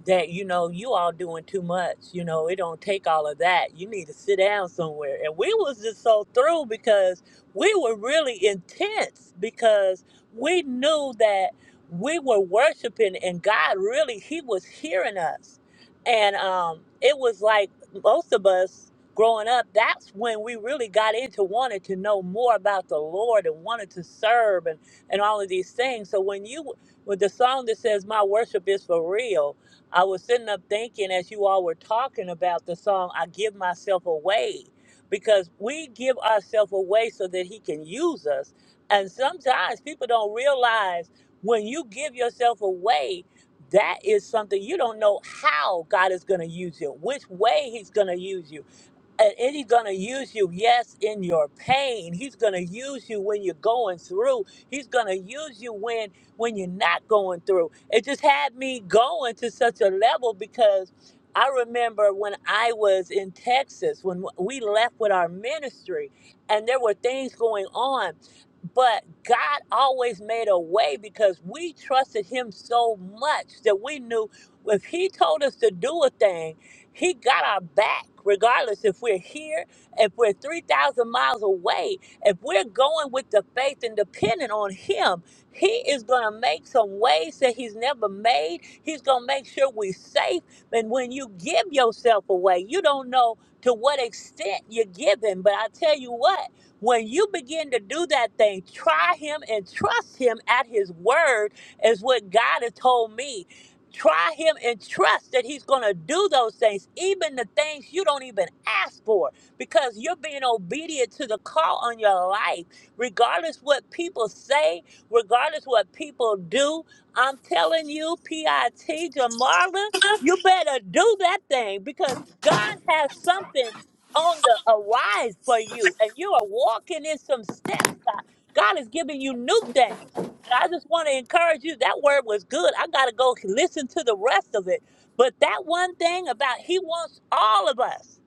Speaker 9: that you know you all doing too much you know it don't take all of that you need to sit down somewhere and we was just so through because we were really intense because we knew that we were worshiping and God really he was hearing us and um it was like most of us growing up, that's when we really got into wanted to know more about the Lord and wanted to serve and all of these things. So when you with the song that says my worship is for real, I was sitting up thinking as you all were talking about the song, I give myself away because we give ourselves away so that he can use us. And sometimes people don't realize when you give yourself away, that is something you don't know how God is going to use you, which way he's going to use you and, and he's going to use you, yes, in your pain. He's going to use you when you're going through. He's going to use you when when you're not going through. It just had me going to such a level because I remember when I was in Texas, when we left with our ministry, and there were things going on. But God always made a way because we trusted Him so much that we knew if He told us to do a thing, he got our back, regardless if we're here, if we're 3,000 miles away, if we're going with the faith and depending on Him, He is going to make some ways that He's never made. He's going to make sure we're safe. And when you give yourself away, you don't know to what extent you're giving. But I tell you what, when you begin to do that thing, try Him and trust Him at His word, is what God has told me Try him and trust that he's going to do those things, even the things you don't even ask for, because you're being obedient to the call on your life. Regardless what people say, regardless what people do, I'm telling you, PIT, Jamarla, you better do that thing because God has something on the arise for you, and you are walking in some steps. God, God is giving you new things. And I just want to encourage you. That word was good. I got to go listen to the rest of it. But that one thing about He wants all of us,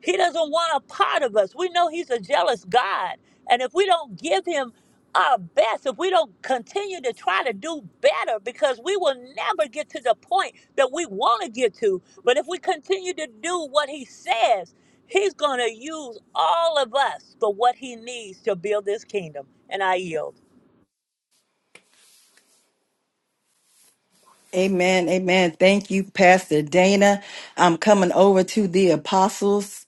Speaker 9: He doesn't want a part of us. We know He's a jealous God. And if we don't give Him our best, if we don't continue to try to do better, because we will never get to the point that we want to get to. But if we continue to do what He says, He's going to use all of us for what He needs to build this kingdom. And I yield.
Speaker 1: Amen. Amen. Thank you, Pastor Dana. I'm coming over to the apostles.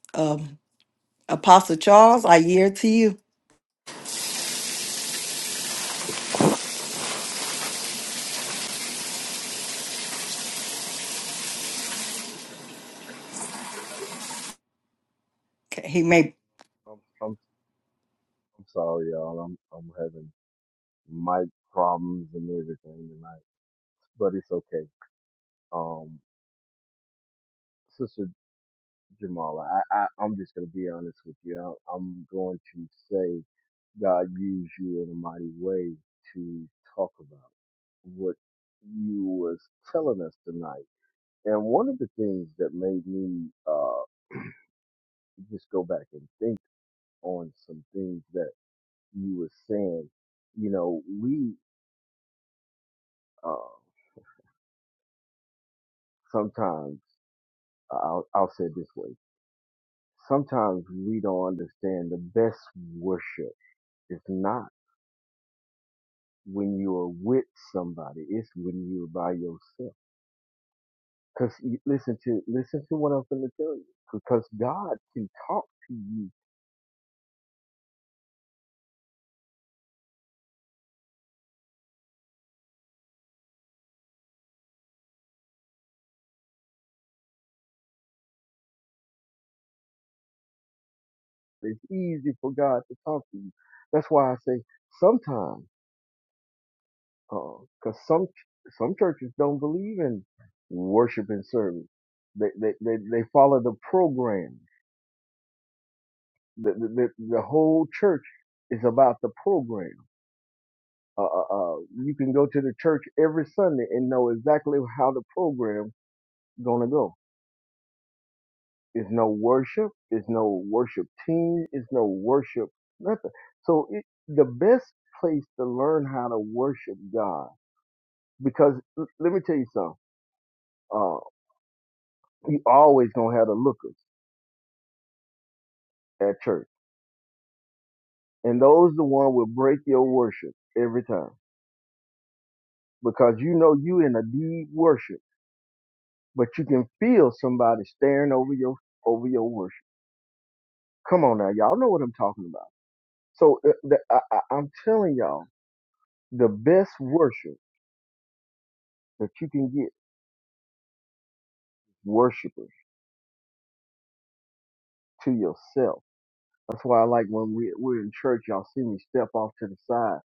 Speaker 1: Apostle Charles, I yield to you. Okay, He may.
Speaker 10: I'm I'm I'm sorry, y'all. I'm I'm having mic problems and everything tonight, but it's okay. Um, Sister Jamala, I, I I'm just gonna be honest with you. I, I'm going to say God used you in a mighty way to talk about what you was telling us tonight. And one of the things that made me uh just go back and think on some things that you were saying. You know, we. uh. sometimes I'll, I'll say it this way. Sometimes we don't understand the best worship is not when you are with somebody. It's when you're by yourself. Cause you- listen to, listen to what I'm going to tell you. Because God can talk to you. It's easy for God to talk to you. That's why I say sometimes, uh, cause some, some churches don't believe in worship and service. They, they, they, they follow the program The, the, the whole church is about the program. Uh, uh, uh, you can go to the church every Sunday and know exactly how the program's gonna go. It's no worship. It's no worship team. It's no worship nothing. So it, the best place to learn how to worship God, because l- let me tell you something. Uh, you always gonna have the lookers at church, and those the one will break your worship every time because you know you in a deep worship. but you can feel somebody staring over your over your worship. Come on now, y'all know what I'm talking about. So uh, the, I, I, I'm telling y'all, the best worship that you can get is worshipers to yourself. That's why I like when we, we're in church, y'all see me step off to the side.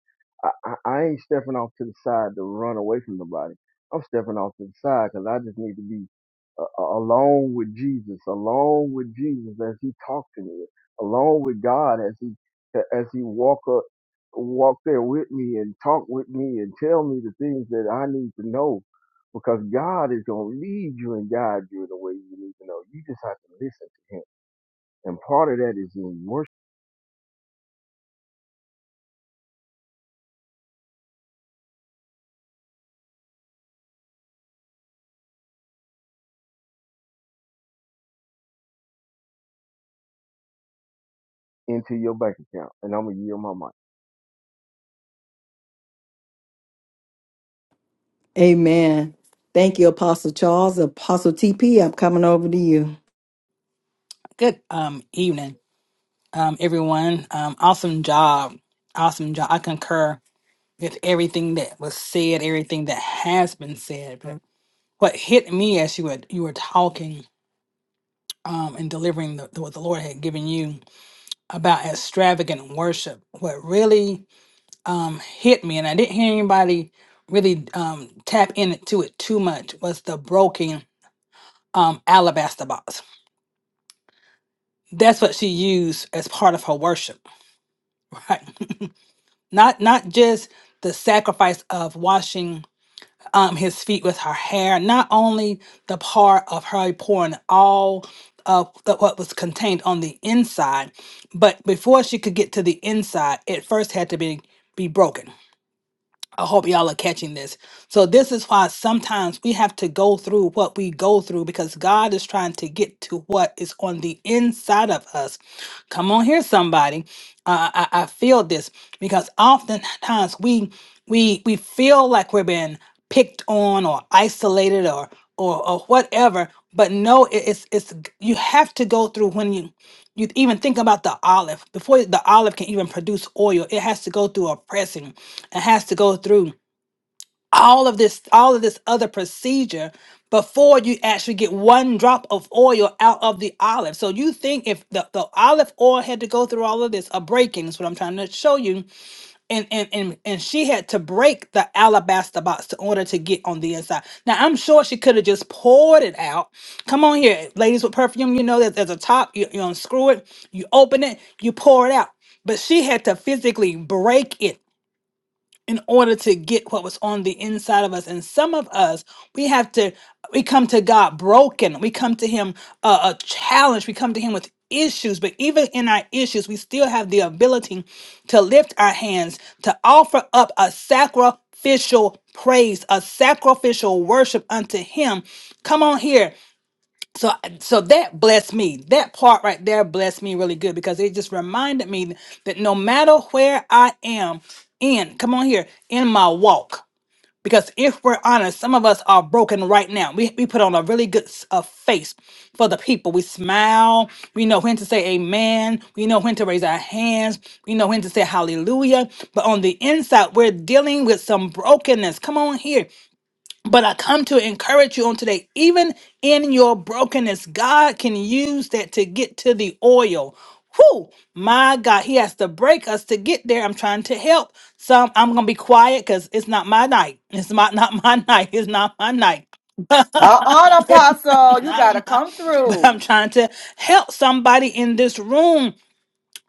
Speaker 10: I, I, I ain't stepping off to the side to run away from nobody. I'm stepping off to the side because I just need to be uh, a- alone with Jesus, alone with Jesus as He talked to me, alone with God as He as He walk up, walk there with me and talk with me and tell me the things that I need to know, because God is gonna lead you and guide you in the way you need to know. You just have to listen to Him, and part of that is in worship into your bank account, and I'm gonna yield my mic.
Speaker 1: Amen. Thank you, Apostle Charles. Apostle TP, I'm coming over to you.
Speaker 11: Good um evening, um everyone. Um, awesome job, awesome job. I concur with everything that was said, everything that has been said. But what hit me as you were you were talking um and delivering the, the, what the Lord had given you about extravagant worship, what really um hit me, and I didn't hear anybody really um tap into it too much, was the broken um alabaster box. That's what she used as part of her worship, <laughs> right? not not just the sacrifice of washing um, his feet with her hair, not only the part of her pouring all of the- what was contained on the inside, but before she could get to the inside, it first had to be be broken I hope y'all are catching this. So, this is why sometimes we have to go through what we go through because God is trying to get to what is on the inside of us. Come on here, somebody. Uh, I, I feel this because oftentimes we we we feel like we're being picked on or isolated or or, or whatever. But no, it- it's it's you have to go through when you you even think about the olive before the olive can even produce oil it has to go through a pressing it has to go through all of this all of this other procedure before you actually get one drop of oil out of the olive so you think if the, the olive oil had to go through all of this a breaking is what i'm trying to show you and and and and she had to break the alabaster box in order to get on the inside. Now I'm sure she could have just poured it out. Come on here, ladies with perfume, you know that there's a top. You, you unscrew it, you open it, you pour it out. But she had to physically break it in order to get what was on the inside of us. And some of us, we have to, we come to God broken. We come to Him uh, a challenge. We come to Him with issues. But even in our issues, we still have the ability to lift our hands, to offer up a sacrificial praise, a sacrificial worship unto Him. Come on here so so that blessed me that part right there blessed me really good because it just reminded me that no matter where i am in come on here in my walk because if we're honest some of us are broken right now we, we put on a really good s- uh, face for the people we smile we know when to say amen we know when to raise our hands we know when to say hallelujah but on the inside we're dealing with some brokenness come on here but I come to encourage you on today, even in your brokenness, God can use that to get to the oil. Whoo, my God, He has to break us to get there. I'm trying to help. Some I'm gonna be quiet because it's not my night. It's my not my <laughs> night. It's not my night. <laughs>
Speaker 5: Uh on, Apostle. You got to
Speaker 11: Not my-
Speaker 5: come
Speaker 11: but
Speaker 5: through.
Speaker 11: I'm trying to help somebody in this room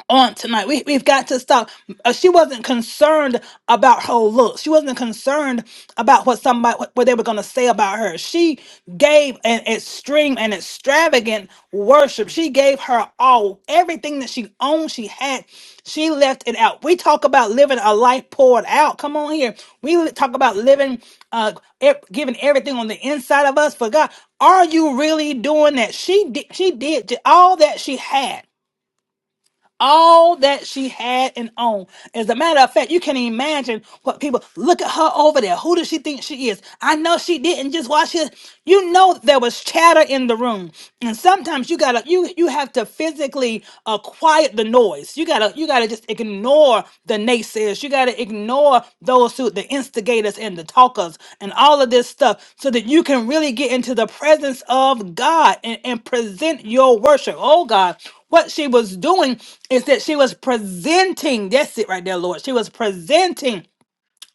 Speaker 11: on tonight. We, we've got to stop. Uh, She wasn't concerned about her looks. She wasn't concerned about what somebody what what they were going to say about her. She gave an extreme and extravagant worship. She gave her all, everything that she owned, she had. She left it out. We talk about living a life poured out. Come on here. We li- talk about living, uh, ev- giving everything on the inside of us for God. Are you really doing that? She did. She did j- all that she had all that she had and owned. As a matter of fact, you can imagine what people look at her over there. Who does she think she is? I know she didn't just watch his. You know there was chatter in the room, and sometimes you gotta you you have to physically uh, quiet the noise. You gotta you gotta just ignore ignore the naysayers. You got to ignore those who, the instigators and the talkers and all of this stuff so that you can really get into the presence of God and, and present your worship. Oh God, what she was doing is that she was presenting. That's it right there, Lord. She was presenting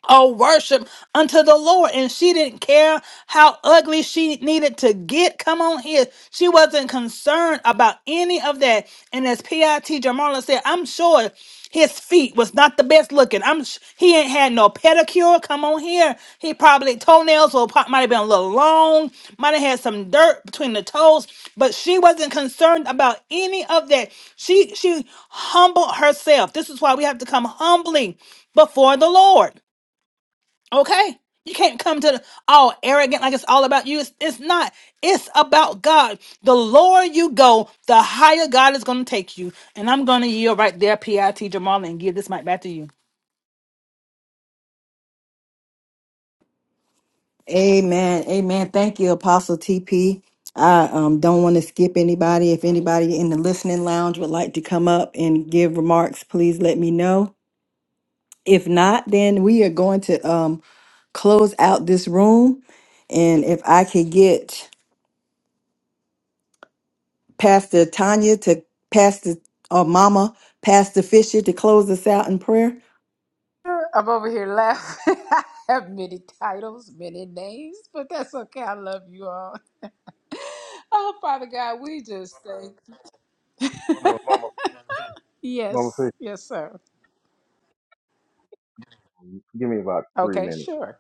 Speaker 11: or worship unto the Lord. And she didn't care how ugly she needed to get. Come on here. She wasn't concerned about any of that. And as P.I.T. Jamala said, I'm sure his feet was not the best looking. I'm s- he ain't had no pedicure. Come on here. He probably toenails were pro- might have been a little long, might have had some dirt between the toes, but she wasn't concerned about any of that. She she humbled herself. This is why we have to come humbly before the Lord. Okay. You can't come to the, all arrogant like it's all about you. It's, it's not. It's about God. The lower you go, the higher God is going to take you. And I'm going to yield right there, PIT Jamal, and give this mic back to you.
Speaker 1: Amen. Amen. Thank you, Apostle TP. I um, don't want to skip anybody. If anybody in the listening lounge would like to come up and give remarks, please let me know. If not, then we are going to um, close out this room. And if I could get Pastor Tanya to Pastor or Mama, Pastor Fisher to close us out in prayer?
Speaker 4: Woo! I'm over here laughing. <laughs> I have many titles, many names, but that's okay. I love you all. <laughs> Oh, Father God, we just thank.
Speaker 10: Mama, mama, mama, Fisher,
Speaker 4: Yes, yes, sir.
Speaker 10: give me about three
Speaker 4: Okay,
Speaker 10: minutes.
Speaker 4: sure.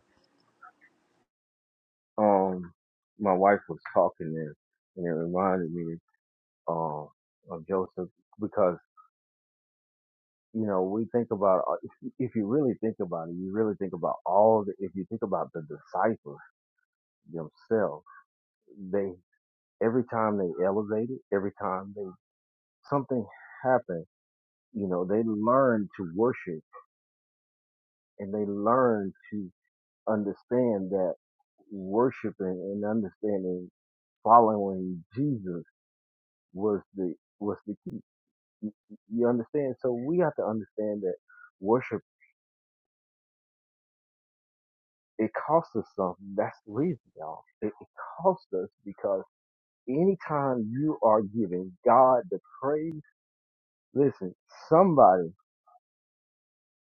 Speaker 10: Um, my wife was talking there, and it reminded me um of Joseph because you know we think about uh, if, if you really think about it, you really think about all the if you think about the disciples themselves, they every time they elevated, every time they something happened, you know they learned to worship and they learned to understand that worshiping and understanding following Jesus was the was the key. You understand? So we have to understand that worship it costs us something. That's the reason, y'all. It, it costs us because anytime you are giving God the praise, listen, somebody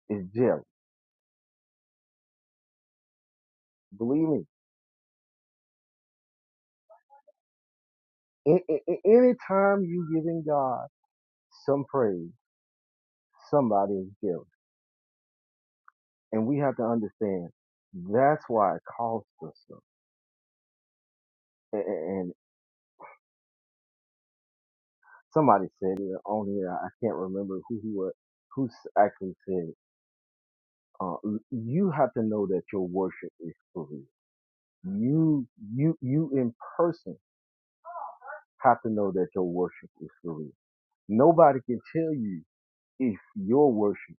Speaker 10: is jealous. Believe me. A- a- a- Anytime you giving God some praise, somebody is jealous And we have to understand that's why it costs us stuff. And, and somebody said it, only I I can't remember who who wa- who s- actually said it. Uh, you have to know that your worship is for real. You you you in person have to know that your worship is for real. Nobody can tell you if your worship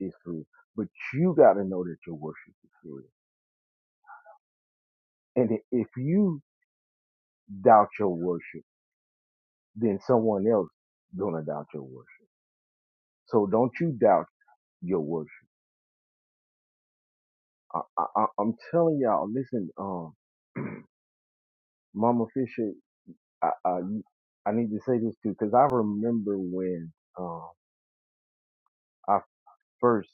Speaker 10: is for real, but you got to know that your worship is for real. And i- if you doubt your worship, then someone else gonna doubt your worship So don't you doubt your worship. I, I, I- I'm telling y'all, listen, um, <clears throat> Mama Fisher, I, I, I need to say this too, because I remember when um, I first,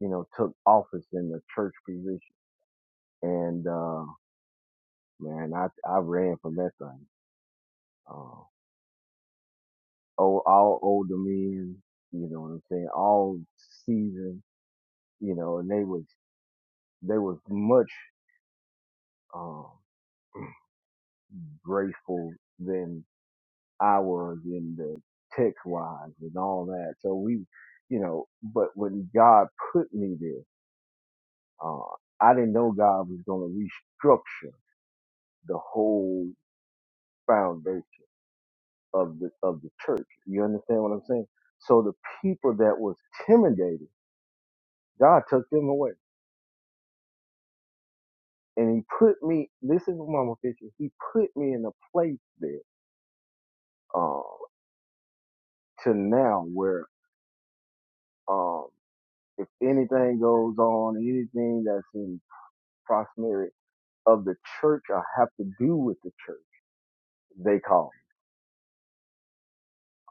Speaker 10: you know, took office in the church position, and uh, man, I I ran from that thing. Uh, all, all older men, you know what I'm saying, all seasoned, you know, and they was they was much um, grateful than hours and the text lines and all that. So we, you know, but when God put me there, uh, I didn't know God was going to restructure the whole foundation of the of the church. You understand what I'm saying? So the people that was intimidated, God took them away, and He put me. Listen, to Mama Fisher. He put me in a place there uh, to now where um, if anything goes on, anything that's in proximity of the church or have to do with the church, they call.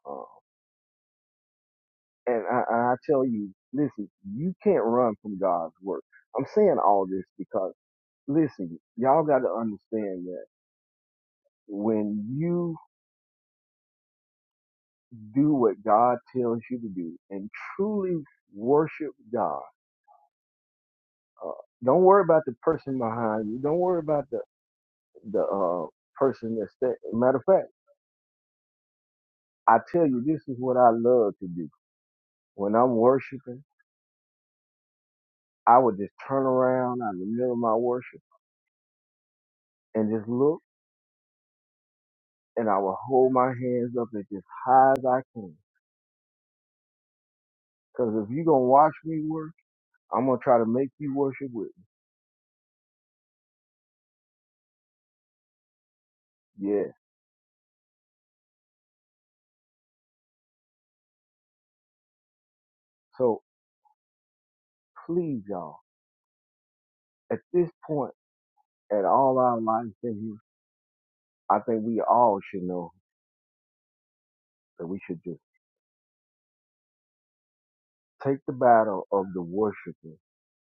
Speaker 10: them. Um, and I, I tell you, listen, you can't run from God's word. I'm saying all this because, listen, y'all got to understand that when you do what God tells you to do and truly worship God, uh, don't worry about the person behind you. Don't worry about the the uh, person that's. there. matter of fact, I tell you, this is what I love to do when I'm worshiping. I would just turn around out in the middle of my worship and just look, and I would hold my hands up as just high as I can. Because if you're going to watch me work, I'm going to try to make you worship with me. Yeah. So please, y'all, at this point, at all our lives in here, I think we all should know that we should just take the battle of the worshiping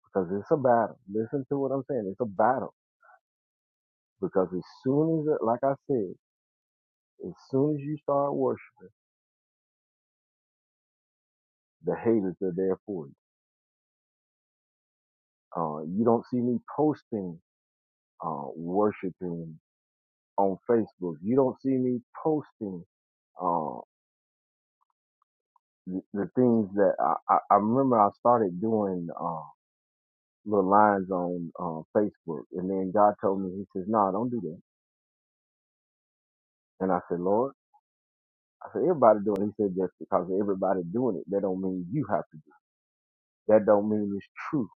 Speaker 10: because it's a battle. Listen to what I'm saying. It's a battle because as soon as, it, like I said, as soon as you start worshiping, the haters are there for you Uh, you don't see me posting uh, worshiping on Facebook. You don't see me posting uh, the, the things that I, I, I remember I started doing uh, little lines on uh, Facebook. And then God told me, He says, No, don't do that. And I said, Lord, I said, everybody doing it. He said, just because everybody doing it, that don't mean you have to do it. That don't mean it's true.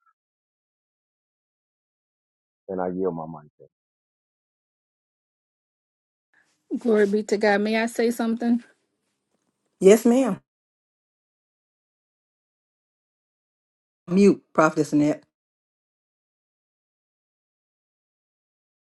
Speaker 10: And I yield my mic. there.
Speaker 6: Glory be to God. May I say something?
Speaker 1: Yes, ma'am. Mute, Prophetess Annette.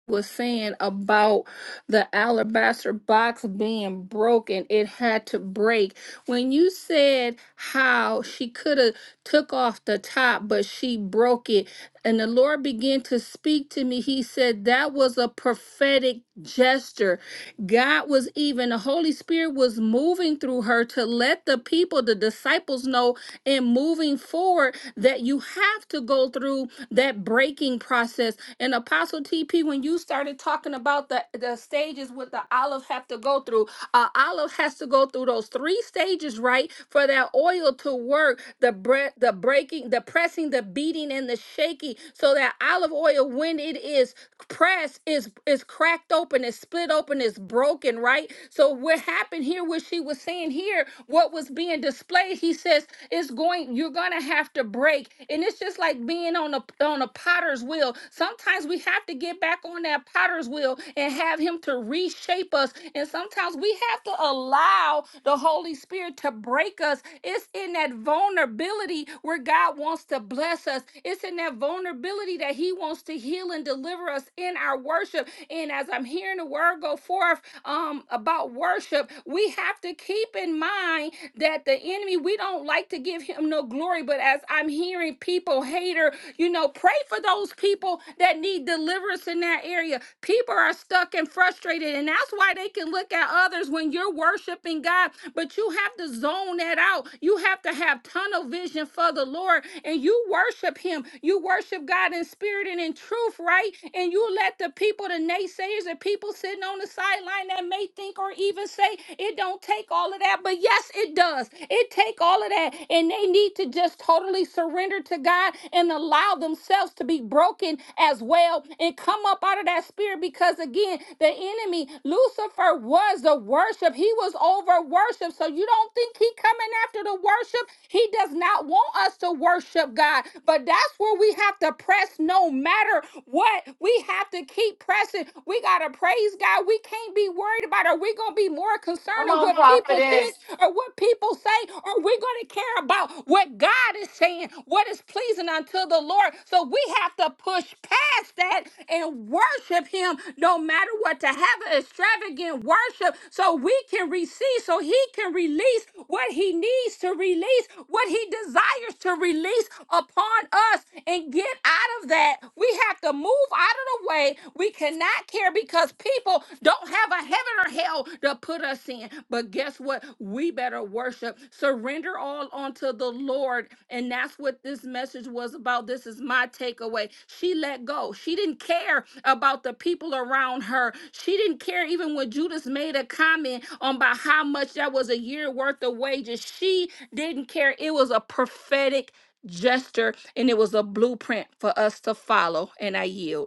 Speaker 6: was saying about the alabaster box being broken it had to break when you said how she could have took off the top but she broke it and the lord began to speak to me he said that was a prophetic gesture god was even the holy spirit was moving through her to let the people the disciples know in moving forward that that you have to go through that breaking process. And Apostle TP, when you started talking about the, the stages what the olive have to go through, uh, olive has to go through those three stages, right, for that oil to work. The bread, the breaking, the pressing, the beating, and the shaking. So that olive oil, when it is pressed, is is cracked open, is split open, is broken, right? So what happened here? What she was was saying here, what was being displayed, he says, it's going, you're gonna have to break. And it's just like being on a on a potter's wheel. Sometimes we have to get back on that potter's wheel and have him to reshape us. And sometimes we have to allow the Holy Spirit to break us. It's in that vulnerability where God wants to bless us. It's in that vulnerability that He wants to heal and deliver us in our worship. And as I'm hearing the word go forth, um, about worship, we have to keep in mind that the enemy, we don't like to give him no glory. But as I'm hearing people, hater, you know, pray for those people that need deliverance in that area. People are stuck and frustrated, and that's why they can look at others when you're worshiping God. But you have to zone that out. You have to have tunnel vision for the Lord, and you worship Him. You worship God in spirit and in truth, right? And you let the people, the naysayers, the people sitting on the sideline that may think or even say it don't take all of that, but yes, it does. It take all of that, and they need to just totally surrender surrender to God and allow themselves to be broken as well and come up out of that spirit because again, the enemy, Lucifer was the worship. He was over worship. So you don't think he coming after the worship? He does not want us to worship God. But that's where we have to press no matter what. We have to keep pressing. We got to praise God. We can't be worried about are we going to be more concerned
Speaker 5: Come on,
Speaker 6: with what people
Speaker 5: prophetess.
Speaker 6: think or what people say, or we're going to care about what God is saying, what is pleasing unto the Lord. So we have to push past that and worship Him no matter what, to have an extravagant worship so we can receive, so He can release what He needs to release, what He desires to release upon us and get out of that. We have to move out of the way say We cannot care because people don't have a heaven or hell to put us in. But guess what? We better worship, surrender all unto the Lord. And that's what this message was about. This is my takeaway. She let go. She didn't care about the people around her. She didn't care even when Judas made a comment on about how much that was a year worth of wages. She didn't care. It was a prophetic gesture and it was a blueprint for us to follow. And I yield.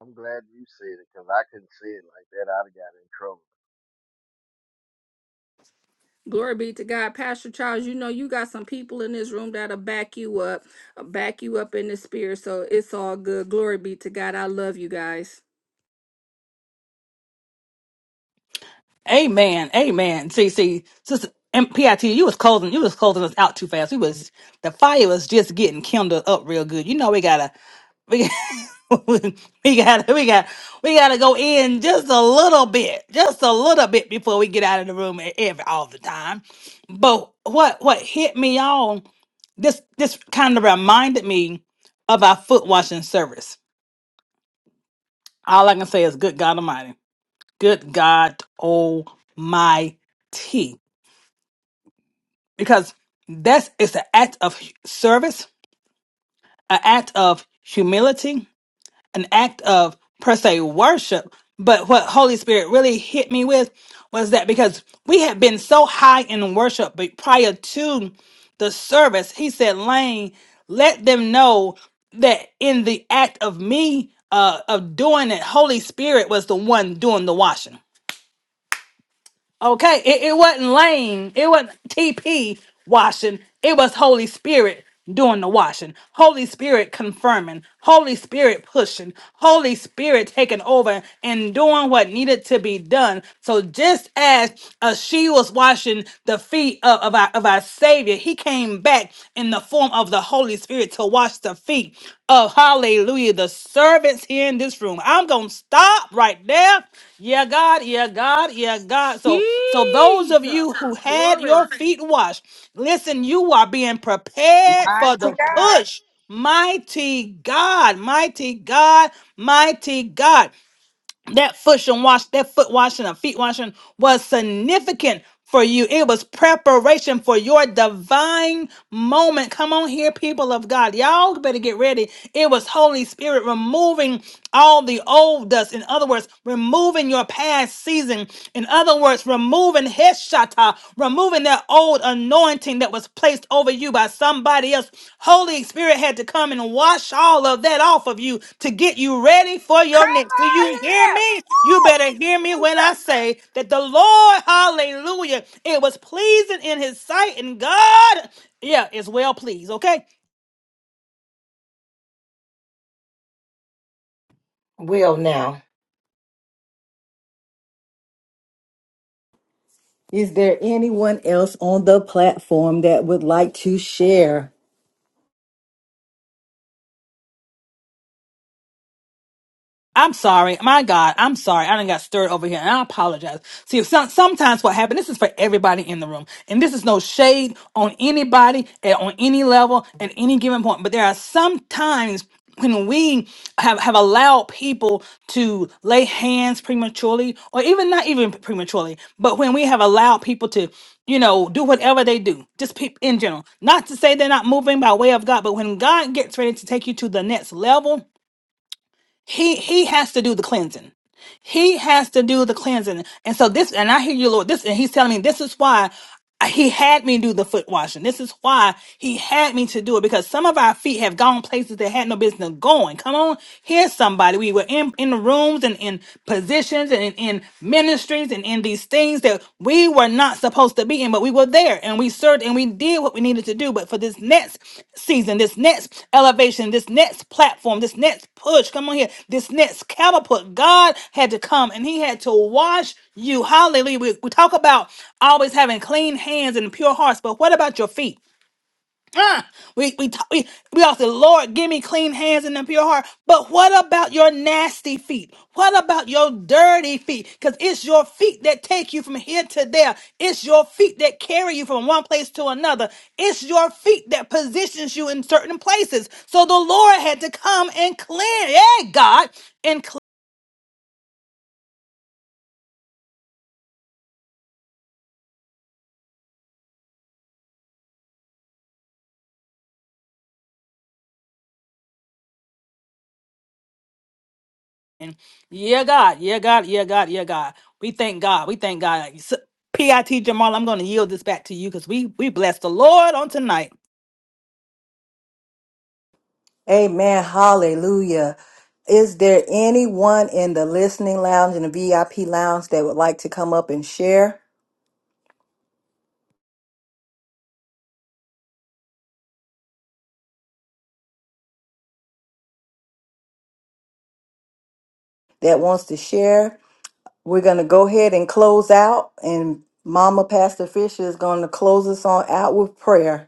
Speaker 10: I'm glad you said it because I couldn't say it like that. I'd have got in
Speaker 6: Glory be to God. Pastor Charles, you know you got some people in this room that'll back you up, uh, back you up in the spirit. So it's all good. Glory be to God. I love you guys.
Speaker 11: Amen. Amen. See, see, sister and PIT, you was closing you was closing us out too fast. We was the fire was just getting kindled up real good. You know we gotta we <laughs> we gotta we got we gotta go in just a little bit. Just a little bit before we get out of the room e- every all the time. But what what hit me on this this kind of reminded me of our foot washing service. All I can say is good God Almighty. Good God Almighty. because that's it's an act of hu- service, an act of humility, an act of per se worship. But what Holy Spirit really hit me with was that because we had been so high in worship, but prior to the service, he said, Lane, let them know that in the act of me uh, of doing it, Holy Spirit was the one doing the washing Okay, it, it wasn't lame. It wasn't TP washing. It was Holy Spirit doing the washing. Holy Spirit confirming. Holy Spirit pushing. Holy Spirit taking over and doing what needed to be done. So just as uh, she was washing the feet of, of, our, of our Savior, he came back in the form of of the Holy Spirit to wash the feet of hallelujah, the servants here in this room. I'm gonna stop right there. Yeah, God, yeah, God, yeah, God. So so those of
Speaker 6: Jesus.
Speaker 11: you who had your
Speaker 6: Glory.
Speaker 11: feet washed, listen, you are being prepared for
Speaker 4: Mighty
Speaker 11: the
Speaker 4: God.
Speaker 11: push. Mighty God, mighty God, mighty God that foot and wash that foot washing and feet washing was significant for you it was preparation for your divine moment come on here people of god y'all better get ready it was holy spirit removing all the old dust in other words removing your past season in other words removing heshata removing that old anointing that was placed over you by somebody else Holy Spirit had to come and wash all of that off of you to get you ready for your
Speaker 4: Come
Speaker 11: next. Do you
Speaker 4: on
Speaker 11: hear me? You
Speaker 4: here.
Speaker 11: better hear me
Speaker 4: Woo! Jesus.
Speaker 11: when I say that the Lord, hallelujah, it was pleasing in his sight and God, yeah, is well pleased, okay?
Speaker 1: Is there anyone else on the platform that would like to share?
Speaker 11: I'm sorry. My God, I'm sorry. I done got stirred over here and I apologize. See, if some, sometimes what happened, this is for everybody in the room. And this is no shade on anybody at, on any level at any given point. But there are some times when we have, have allowed people to lay hands prematurely or even not even prematurely, but when we have allowed people to, you know, do whatever they do, just people in general, not to say they're not moving by way of God, but when God gets ready to take you to the next level, he he has to do the cleansing. He has to do the cleansing. And so this and I hear you, Lord. This and he's telling me this is why he had me do the foot washing. This is why he had me to do it because some of our feet have gone places that had no business going. Come on, here's somebody. We were in in rooms and in positions and in, in ministries and in these these things that we were not supposed to be in, but we were there and we served and we did what we needed to do. But for this next season, this next elevation, this next platform, this next push, come on here, this next catapult, God had to come and He had to wash you. Hallelujah. We, we talk about always having clean hands and pure hearts, but what about your feet? Huh? we we t- we we all say, Lord, give me clean hands and a pure heart. But what about your nasty feet? What about your dirty feet? Because it's your feet that take you from here to there. It's your feet that carry you from one place to another. It's your feet that positions you in certain places. So the Lord had to come and clean, yeah, God, and clean. Yeah, God, yeah, God, yeah, God, yeah, God. We thank God. We thank God. So- PIT Jamal, I'm going to yield this back to you because we we bless the Lord on tonight.
Speaker 1: Amen. Hallelujah. Is there anyone in the listening lounge and the VIP lounge that would like to come up and share, that wants to share? We're going to go ahead and close out, and Mama Pastor Fisher is going to close us on out with prayer.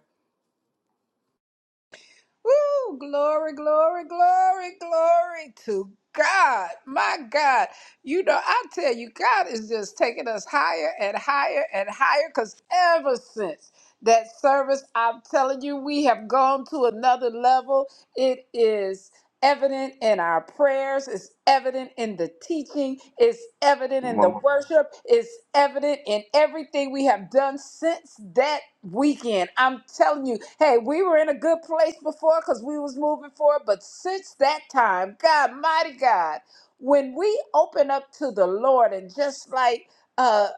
Speaker 4: Woo! Glory, glory, glory, glory to God. My God. You know, I tell you, God is just taking us higher and higher and higher because ever since that service, I'm telling you, we have gone to another level. It is. evident in our prayers, it's evident in the teaching, it's evident in the
Speaker 10: trouble.
Speaker 4: worship, it's evident in everything we have done since that weekend. I'm telling you, hey, we were in a good place before because we was moving forward, but since that time, God mighty God, when we open up to the Lord and just like uh,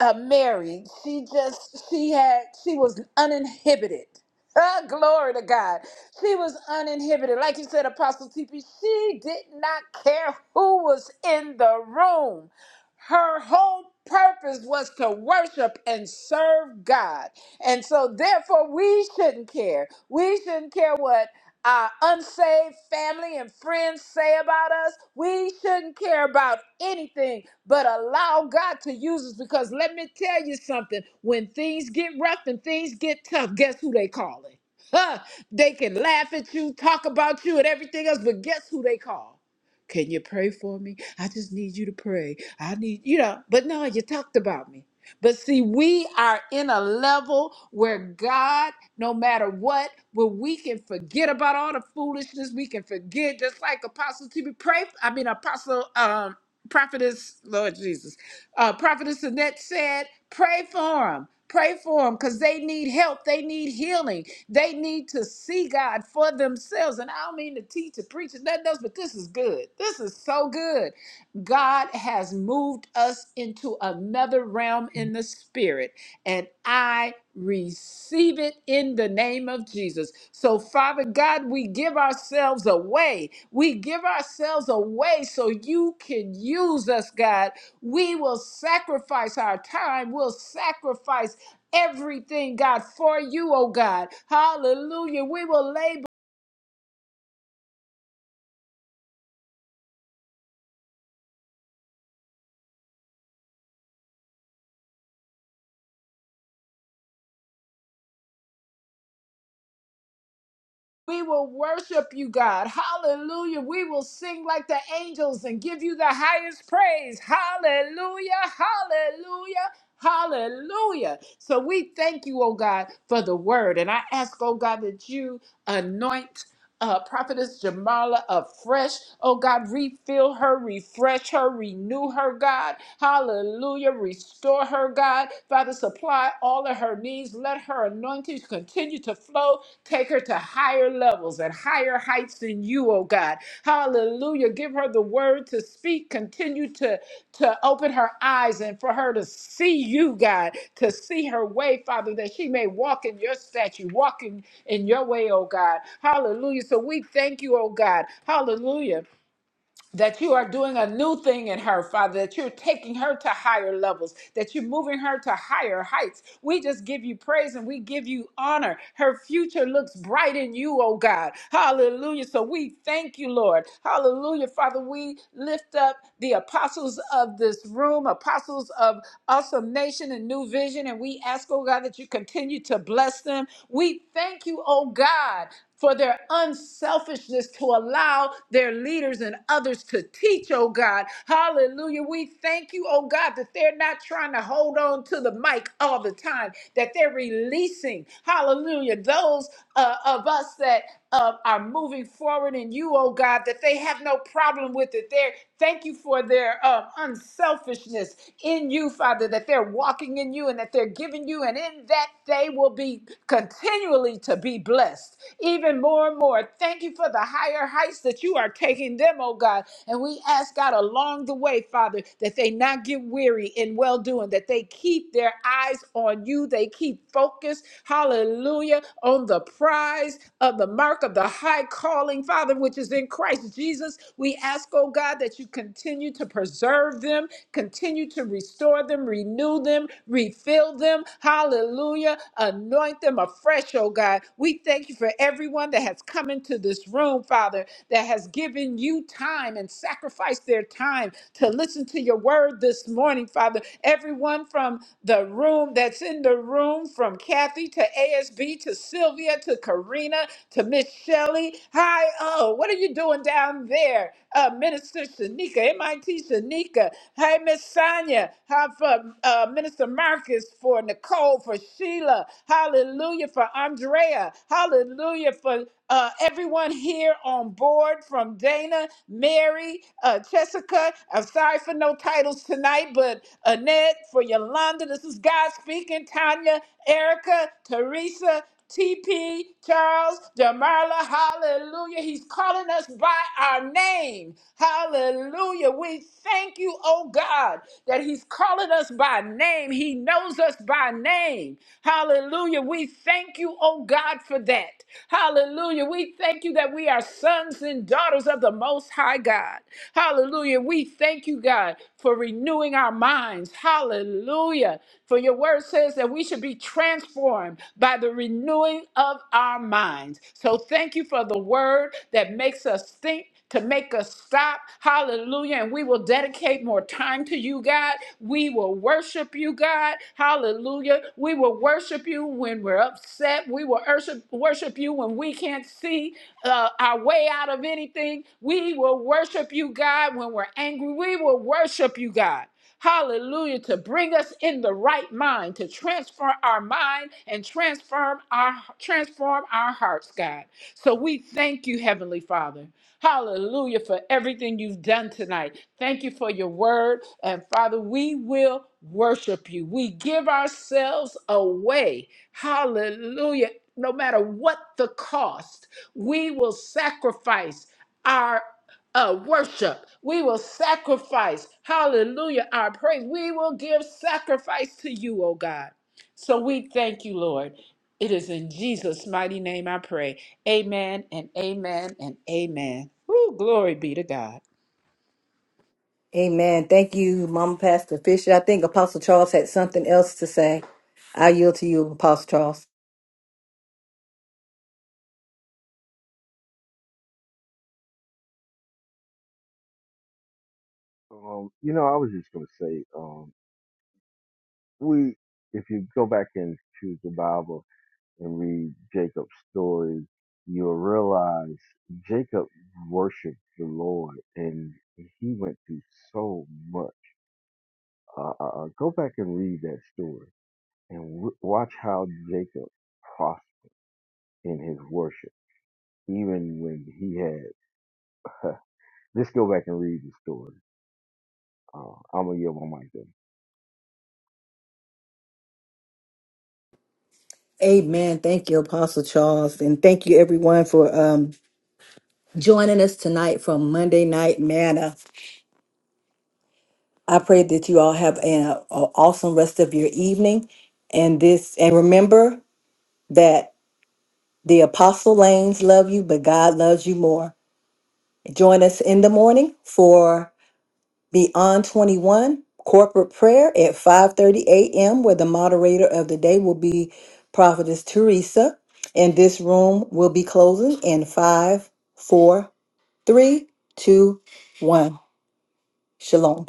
Speaker 4: uh Mary, she just she had she was uninhibited. <laughs> Ah, glory to God. She was uninhibited. Like you said, Apostle TP, she did not care who was in the room. Her whole purpose was to worship and serve God. And so, therefore, we shouldn't care. We shouldn't care what our unsaved family and friends say about us. We shouldn't care about anything but allow God to use us because let me tell you something when things get rough and things get tough, guess who they calling? <laughs> They can laugh at you, talk about you, and everything else, but guess who they call? Can you pray for me? I just need you to pray. I need, you know, but no, you talked about me. But see, we are in a level where God, no matter what, where we can forget about all the foolishness, we can forget, just like Apostle TB pray. I mean, Apostle um, Prophetess, Lord Jesus, uh, Prophetess Annette said, pray for them. Pray for them because they need help. They need healing. They need to see God for themselves. And I don't mean to teach or preach or nothing else, but this is good. This is so good. God has moved us into another realm in the spirit, and I receive it in the name of Jesus. So, Father God, we give ourselves away. We give ourselves away so you can use us, God. We will sacrifice our time, we'll sacrifice everything, God, for you, oh God. Hallelujah. We will labor. We will worship you, God. Hallelujah. We will sing like the angels and give you the highest praise. Hallelujah. Hallelujah. Hallelujah. So we thank you, oh God, for the word. And I ask, oh God, that you anoint uh, prophetess Jamala afresh. Oh God, refill her, refresh her, renew her, God. Hallelujah. Restore her, God. Father, supply all of her needs. Let her anointing continue to flow. Take her to higher levels and higher heights than you, oh God. Hallelujah. Give her the word to speak. Continue to to open her eyes and for her to see you, God, to see her way, Father, that she may walk in your statue, walking in in your way, oh God. Hallelujah. So we thank you, oh God. Hallelujah that you are doing a new thing in her, Father, that you're taking her to higher levels, that you're moving her to higher heights. We just give you praise and we give you honor. Her future looks bright in you, oh God. Hallelujah. So we thank you, Lord. Hallelujah. Father, we lift up the apostles of this room, apostles of awesome nation and new vision, and we ask, oh God, that you continue to bless them. We thank you, oh God for their unselfishness to allow their leaders and others to teach, oh God. Hallelujah. We thank you, oh God, that they're not trying to hold on to the mic all the time, that they're releasing, hallelujah, those uh, of us that. Uh, are moving forward in you, oh God, that they have no problem with it. They're thank you for their um, unselfishness in you, Father, that they're walking in you and that they're giving you, and in that they will be continually to be blessed, even more and more. Thank you for the higher heights that you are taking them, oh God. And we ask God along the way, Father, that they not get weary in well doing, that they keep their eyes on you, they keep focused, hallelujah, on the prize of the mark of the high calling, Father, which is in Christ Jesus. We ask, oh God, that you continue to preserve them, continue to restore them, renew them, refill Fill them, hallelujah. Anoint them afresh, oh God. We thank you for everyone that has come into this room, Father, that has given you time and sacrificed their time to listen to your word this morning, Father. Everyone from the room that's in the room, from Kathy to ASB to Sylvia to Karina to Miss Shelley. Hi, oh, what are you doing down there? Uh, Minister Shanika, MIT Shanika. Hey, Miss Sonia. Tanya, how for uh, Minister Marcus, for Nicole, for Sheila, hallelujah, for Andrea, hallelujah, for uh, everyone here on board from Dana, Mary, uh, Jessica. I'm sorry for no titles tonight, but Annette, for Yolanda, this is God speaking, Tanya, Erica, Teresa. TP, Charles, Jamarla, hallelujah. He's calling us by our name. Hallelujah. We thank you, oh God, that He's calling us by name. He knows us by name. Hallelujah. We thank you, oh God, for that. Hallelujah. We thank you that we are sons and daughters of the Most High God. Hallelujah. We thank you, God for renewing our minds. Hallelujah. For your word says that we should be transformed by the renewing of our minds. So thank you for the word that makes us think. To make us stop. Hallelujah. And we will dedicate more time to you, God. We will worship you, God. Hallelujah. We will worship you when we're upset. We will worship, worship you when we can't see uh, our way out of anything. We will worship you, God, when we're angry. We will worship you, God. Hallelujah, to bring us in the right mind, to transfer our mind and transform our transform our hearts, God. So we thank you, Heavenly Father. Hallelujah for everything you've done tonight. Thank you for your word. And Father, we will worship you. We give ourselves away. Hallelujah. No matter what the cost, we will sacrifice our uh, worship. We will sacrifice, hallelujah, our praise. We will give sacrifice to you, oh God. So we thank you, Lord. It is in Jesus' mighty name I pray. Amen and amen and amen. Woo, glory be to God.
Speaker 1: Amen. Thank you, Mama Pastor Fisher. I think Apostle Charles had something else to say. I yield to you, Apostle Charles.
Speaker 10: Um, you know, I was just gonna say, um, we if you go back and choose the Bible and read Jacob's story, you'll realize Jacob worshiped the Lord and he went through so much. Uh, uh, uh, go back and read that story and w- watch how Jacob prospered in his worship, even when he had. <laughs> Let's go back and read the story. Uh, I'm gonna yield my mic there.
Speaker 1: Amen. Thank you, Apostle Charles. And thank you, everyone, for um, joining us tonight from Monday Night Manna. I pray that you all have an a- awesome rest of your evening. And this, and remember that the Apostle Lanes love you, but God loves you more. Join us in the morning for Beyond 21, corporate prayer at 5:30 a.m. where the moderator of the day will be Prophetess Teresa, and this room will be closing in five, four, three, two, one. Shalom.